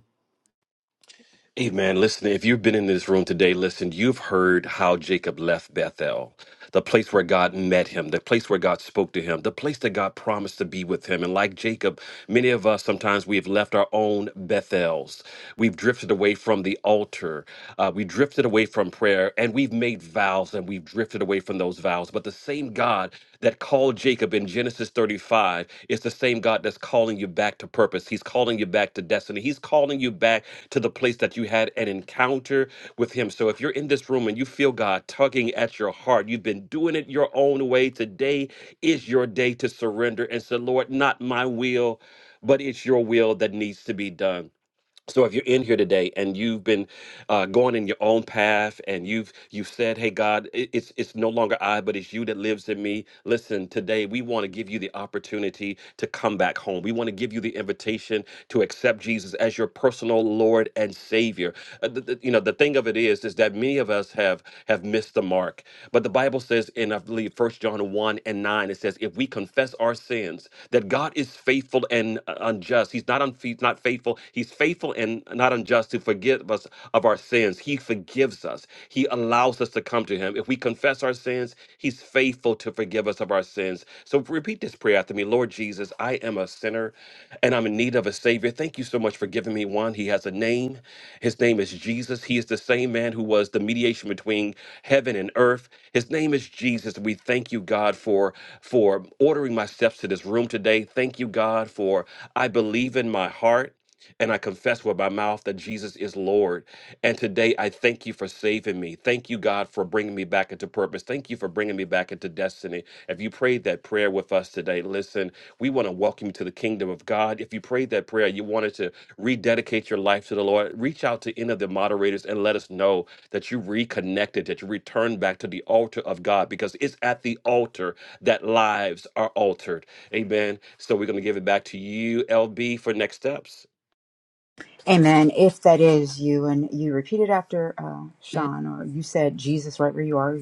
Hey man, listen, if you've been in this room today, listen, you've heard how Jacob left Bethel, the place where God met him, the place where God spoke to him, the place that God promised to be with him. And like Jacob, many of us sometimes we have left our own Bethels. We've drifted away from the altar. Uh, we drifted away from prayer and we've made vows and we've drifted away from those vows. But the same God God that called Jacob in Genesis 35 is the same God that's calling you back to purpose. He's calling you back to destiny. He's calling you back to the place that you had an encounter with Him. So if you're in this room and you feel God tugging at your heart, you've been doing it your own way, today is your day to surrender and say, Lord, not my will, but it's your will that needs to be done so if you're in here today and you've been uh, going in your own path and you've you've said hey god it- it's it's no longer i but it's you that lives in me listen today we want to give you the opportunity to come back home we want to give you the invitation to accept jesus as your personal lord and savior Uh, the- the- you know the thing of it is is that many of us have have missed the mark but the bible says in i believe First john 1 and 9 it says if we confess our sins that god is faithful and uh, unjust he's not unfe- not faithful he's faithful and not unjust to forgive us of our sins. He forgives us. He allows us to come to him. If we confess our sins, he's faithful to forgive us of our sins. So repeat this prayer after me. Lord Jesus, I am a sinner and I'm in need of a savior. Thank you so much for giving me one. He has a name. His name is Jesus. He is the same man who was the mediation between heaven and earth. His name is Jesus. We thank you, God, for for ordering my steps to this room today. Thank you, God, for I believe in my heart and I confess with my mouth that Jesus is Lord. And today I thank you for saving me. Thank you, God, for bringing me back into purpose. Thank you for bringing me back into destiny. If you prayed that prayer with us today, listen, we want to welcome you to the kingdom of God. If you prayed that prayer, you wanted to rededicate your life to the Lord, reach out to any of the moderators and let us know that you reconnected, that you returned back to the altar of God because it's at the altar that lives are altered. Amen. So we're going to give it back to you, LB, for next steps.
Amen. If that is you, and you repeated after uh, Sean, or you said Jesus right where you are,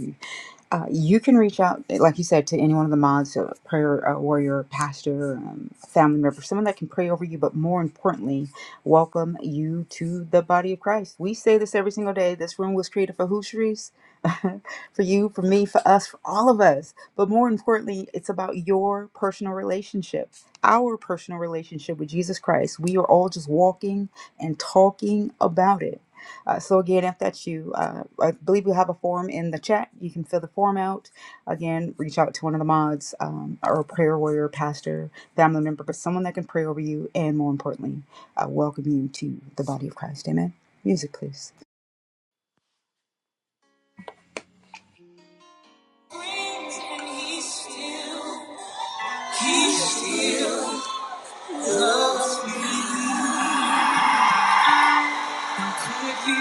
uh, you can reach out, like you said, to any one of the mods, uh, prayer uh, warrior, pastor, um, family member, someone that can pray over you, but more importantly, welcome you to the body of Christ. We say this every single day. This room was created for who, Sharice? for you, for me, for us, for all of us. But more importantly, it's about your personal relationship, our personal relationship with Jesus Christ. We are all just walking and talking about it. Uh, so again, if that's you, uh, I believe we have a form in the chat. You can fill the form out. Again, reach out to one of the mods um, or a prayer warrior, pastor, family member, but someone that can pray over you and more importantly, uh, welcome you to the body of Christ. Amen. Music, please.
He's still with you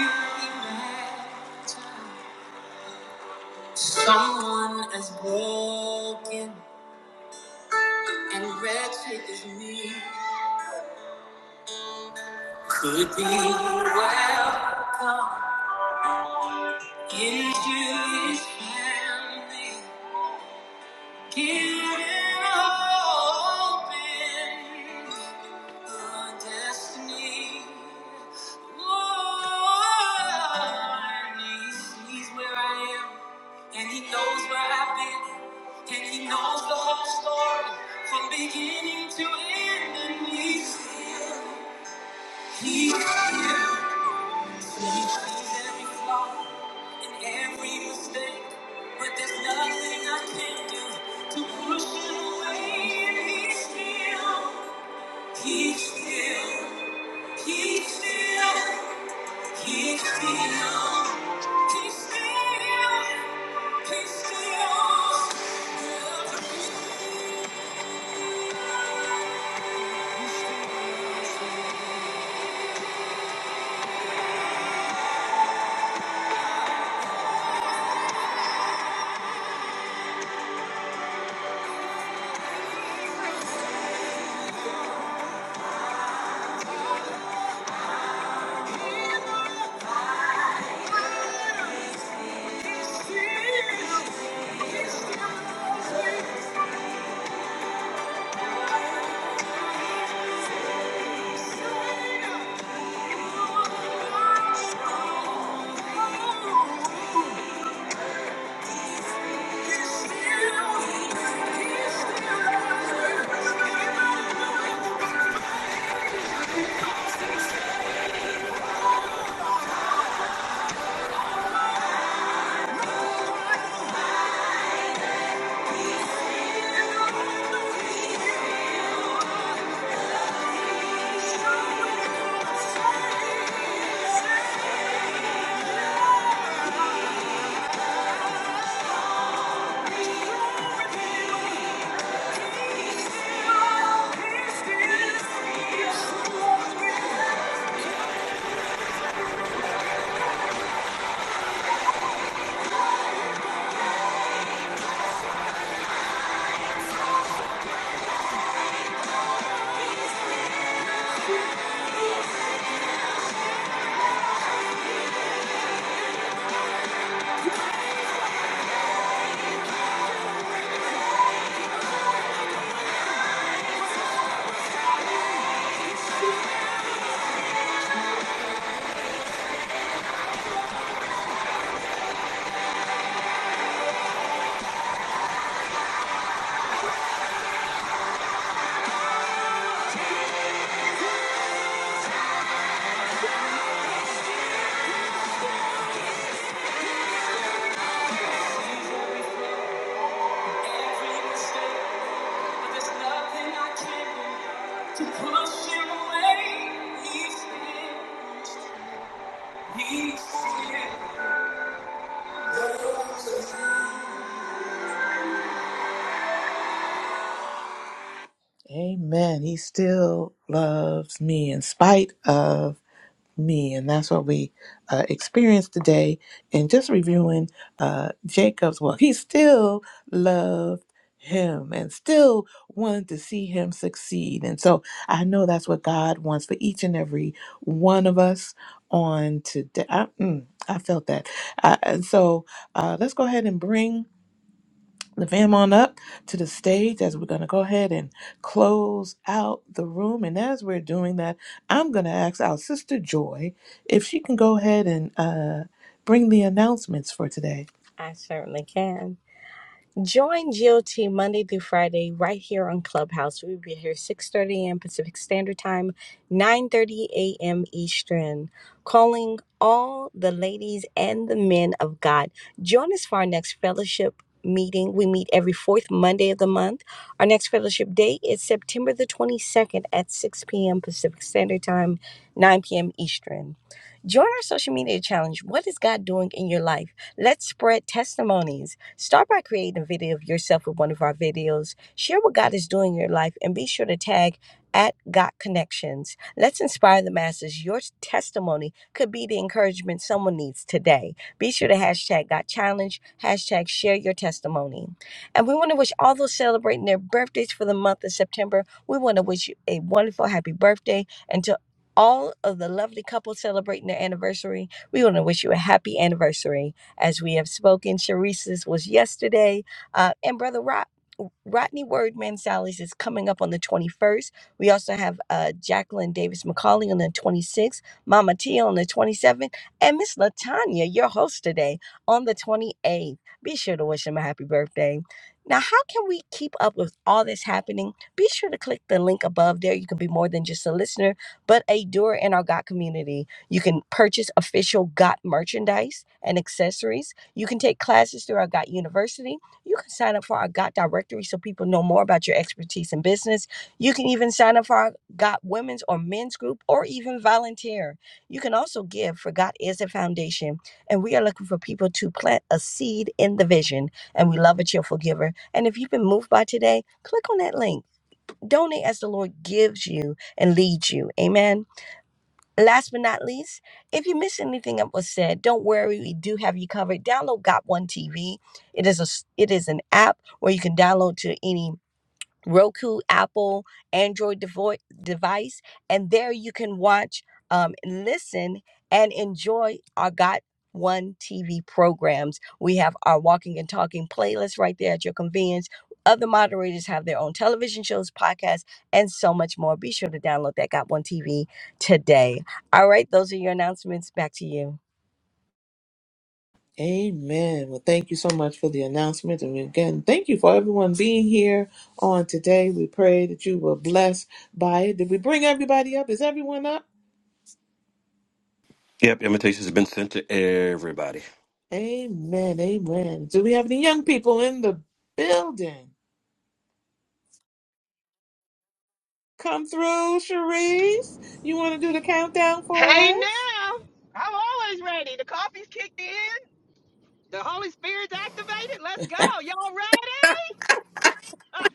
Someone as broken and wretched as me could be well into his family. To end this, still, he still Amen. He still loves me in spite of me. And that's what we uh, experienced today. And just reviewing uh, Jacob's walk, he still loved him and still wanted to see him succeed. And so I know that's what God wants for each and every one of us on today. I, mm, I felt that. Uh, and so uh, let's go ahead and bring. the fam on up to the stage as we're going to go ahead and close out the room. And as we're doing that, I'm going to ask our sister Joy if she can go ahead and uh, bring the announcements for today.
I certainly can. Join GOT Monday through Friday right here on Clubhouse. We'll be here 6.30 a.m. Pacific Standard Time, 9.30 a.m. Eastern. Calling all the ladies and the men of God. Join us for our next fellowship meeting. We meet every fourth Monday of the month. Our next fellowship day is September the 22nd at 6 p.m. Pacific Standard Time, 9 p.m. Eastern. Join our social media challenge. What is God doing in your life? Let's spread testimonies. Start by creating a video of yourself with one of our videos. Share what God is doing in your life and be sure to tag at God Connections. Let's inspire the masses. Your testimony could be the encouragement someone needs today. Be sure to hashtag God Challenge, hashtag share your testimony. And we want to wish all those celebrating their birthdays for the month of September, we want to wish you a wonderful happy birthday. Until all of the lovely couples celebrating their anniversary. We want to wish you a happy anniversary. As we have spoken, Sharice's was yesterday, uh, and Brother Rock. Rodney Wordman Sally's is coming up on the 21st. We also have uh, Jacqueline Davis McCauley on the 26th, Mama T on the 27th, and Miss Latanya, your host today, on the 28th. Be sure to wish them a happy birthday. Now, how can we keep up with all this happening? Be sure to click the link above there. You can be more than just a listener but a doer in our GOT community. You can purchase official GOT merchandise and accessories. You can take classes through our GOT University. You can sign up for our GOT directory so people know more about your expertise in business. You can even sign up for our GOT women's or men's group or even volunteer. You can also give for GOT is a foundation, and we are looking for people to plant a seed in the vision. And we love a cheerful giver. And if you've been moved by today, click on that link. Donate as the Lord gives you and leads you. Amen. Last but not least, if you miss anything that was said, don't worry, we do have you covered. Download Got One TV. It is a it is an app where you can download to any Roku, Apple, Android devo- device, and there you can watch, um, listen, and enjoy our Got One TV programs. We have our Walking and Talking playlist right there at your convenience. Other moderators have their own television shows, podcasts, and so much more. Be sure to download that Got One TV today. All right, those are your announcements. Back to you.
Amen. Well, thank you so much for the announcement. And again, thank you for everyone being here on today. We pray that you were blessed by it. Did we bring everybody up? Is everyone up?
Yep, invitations have been sent to everybody.
Amen. Amen. Do we have any young people in the building? Come through, Cherise. You want to do the countdown for us?
Oh, oh yes. Oh,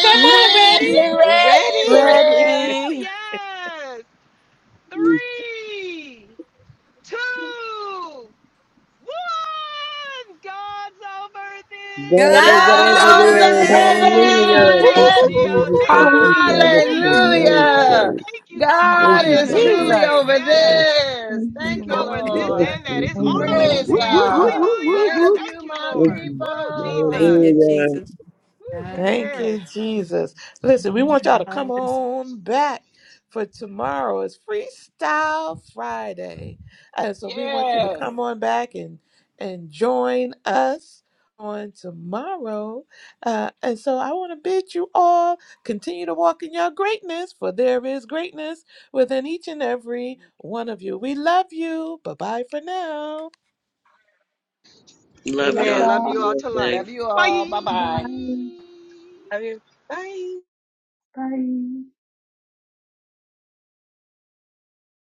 Come on, ready?
Ready?
we're ready,
Ready?
Sharice.
Ready.
yes. Three, two, one. God's over
God
this.
is
guys.
God's
God's
over
God's
over
there.
over
God's
this.
Hallelujah.
over
G O
Hallelujah. Thank
T
over
this.
this.
this.
G
you,
O
Jesus.
T
Thank you,
G
Hallelujah.
O T.
Father,
Thank
for
you, Lord.
Hallelujah.
Wednesday.
Woo, thank you, God,
Yes,
Thank
for
God
Thank you,
you,
Lord.
another
is
Father.
truly
Jesus.
day.
over
Yes,
Yes.
this.
Thank you,
He's
Thank you,
over
Lord.
this
yes,
Lord.
and that.
thank
It's
you,
all in
Lord.
his
Amen.
Praise
Whoop,
hands.
whoop, whoop,
Lord.
Amen.
God.
whoop, whoop,
Hallelujah.
Love
whoop.
Thank
you,
you,
my
Thank
Thank
Lord.
you.
Woo,
you.
people.
Thank you,
Jesus.
Hallelujah.
Jesus.
Whew,
God,
Thank
amen.
you, Jesus. Listen, we want y'all to come
God.
on back for tomorrow It's Freestyle Friday. And so we want you to
Yes.
come on back and and join us on tomorrow. Uh, and so I want to bid you all continue to walk in your greatness, for there is greatness within each and every one of you. We love you. Bye bye for now.
Love
Love
y'all.
Amen.
Have a
Love
y'all.
you all to
blessed day.
Love
life.
you all. Bye
Bye.
bye.
Bye.
I mean, bye.
Bye.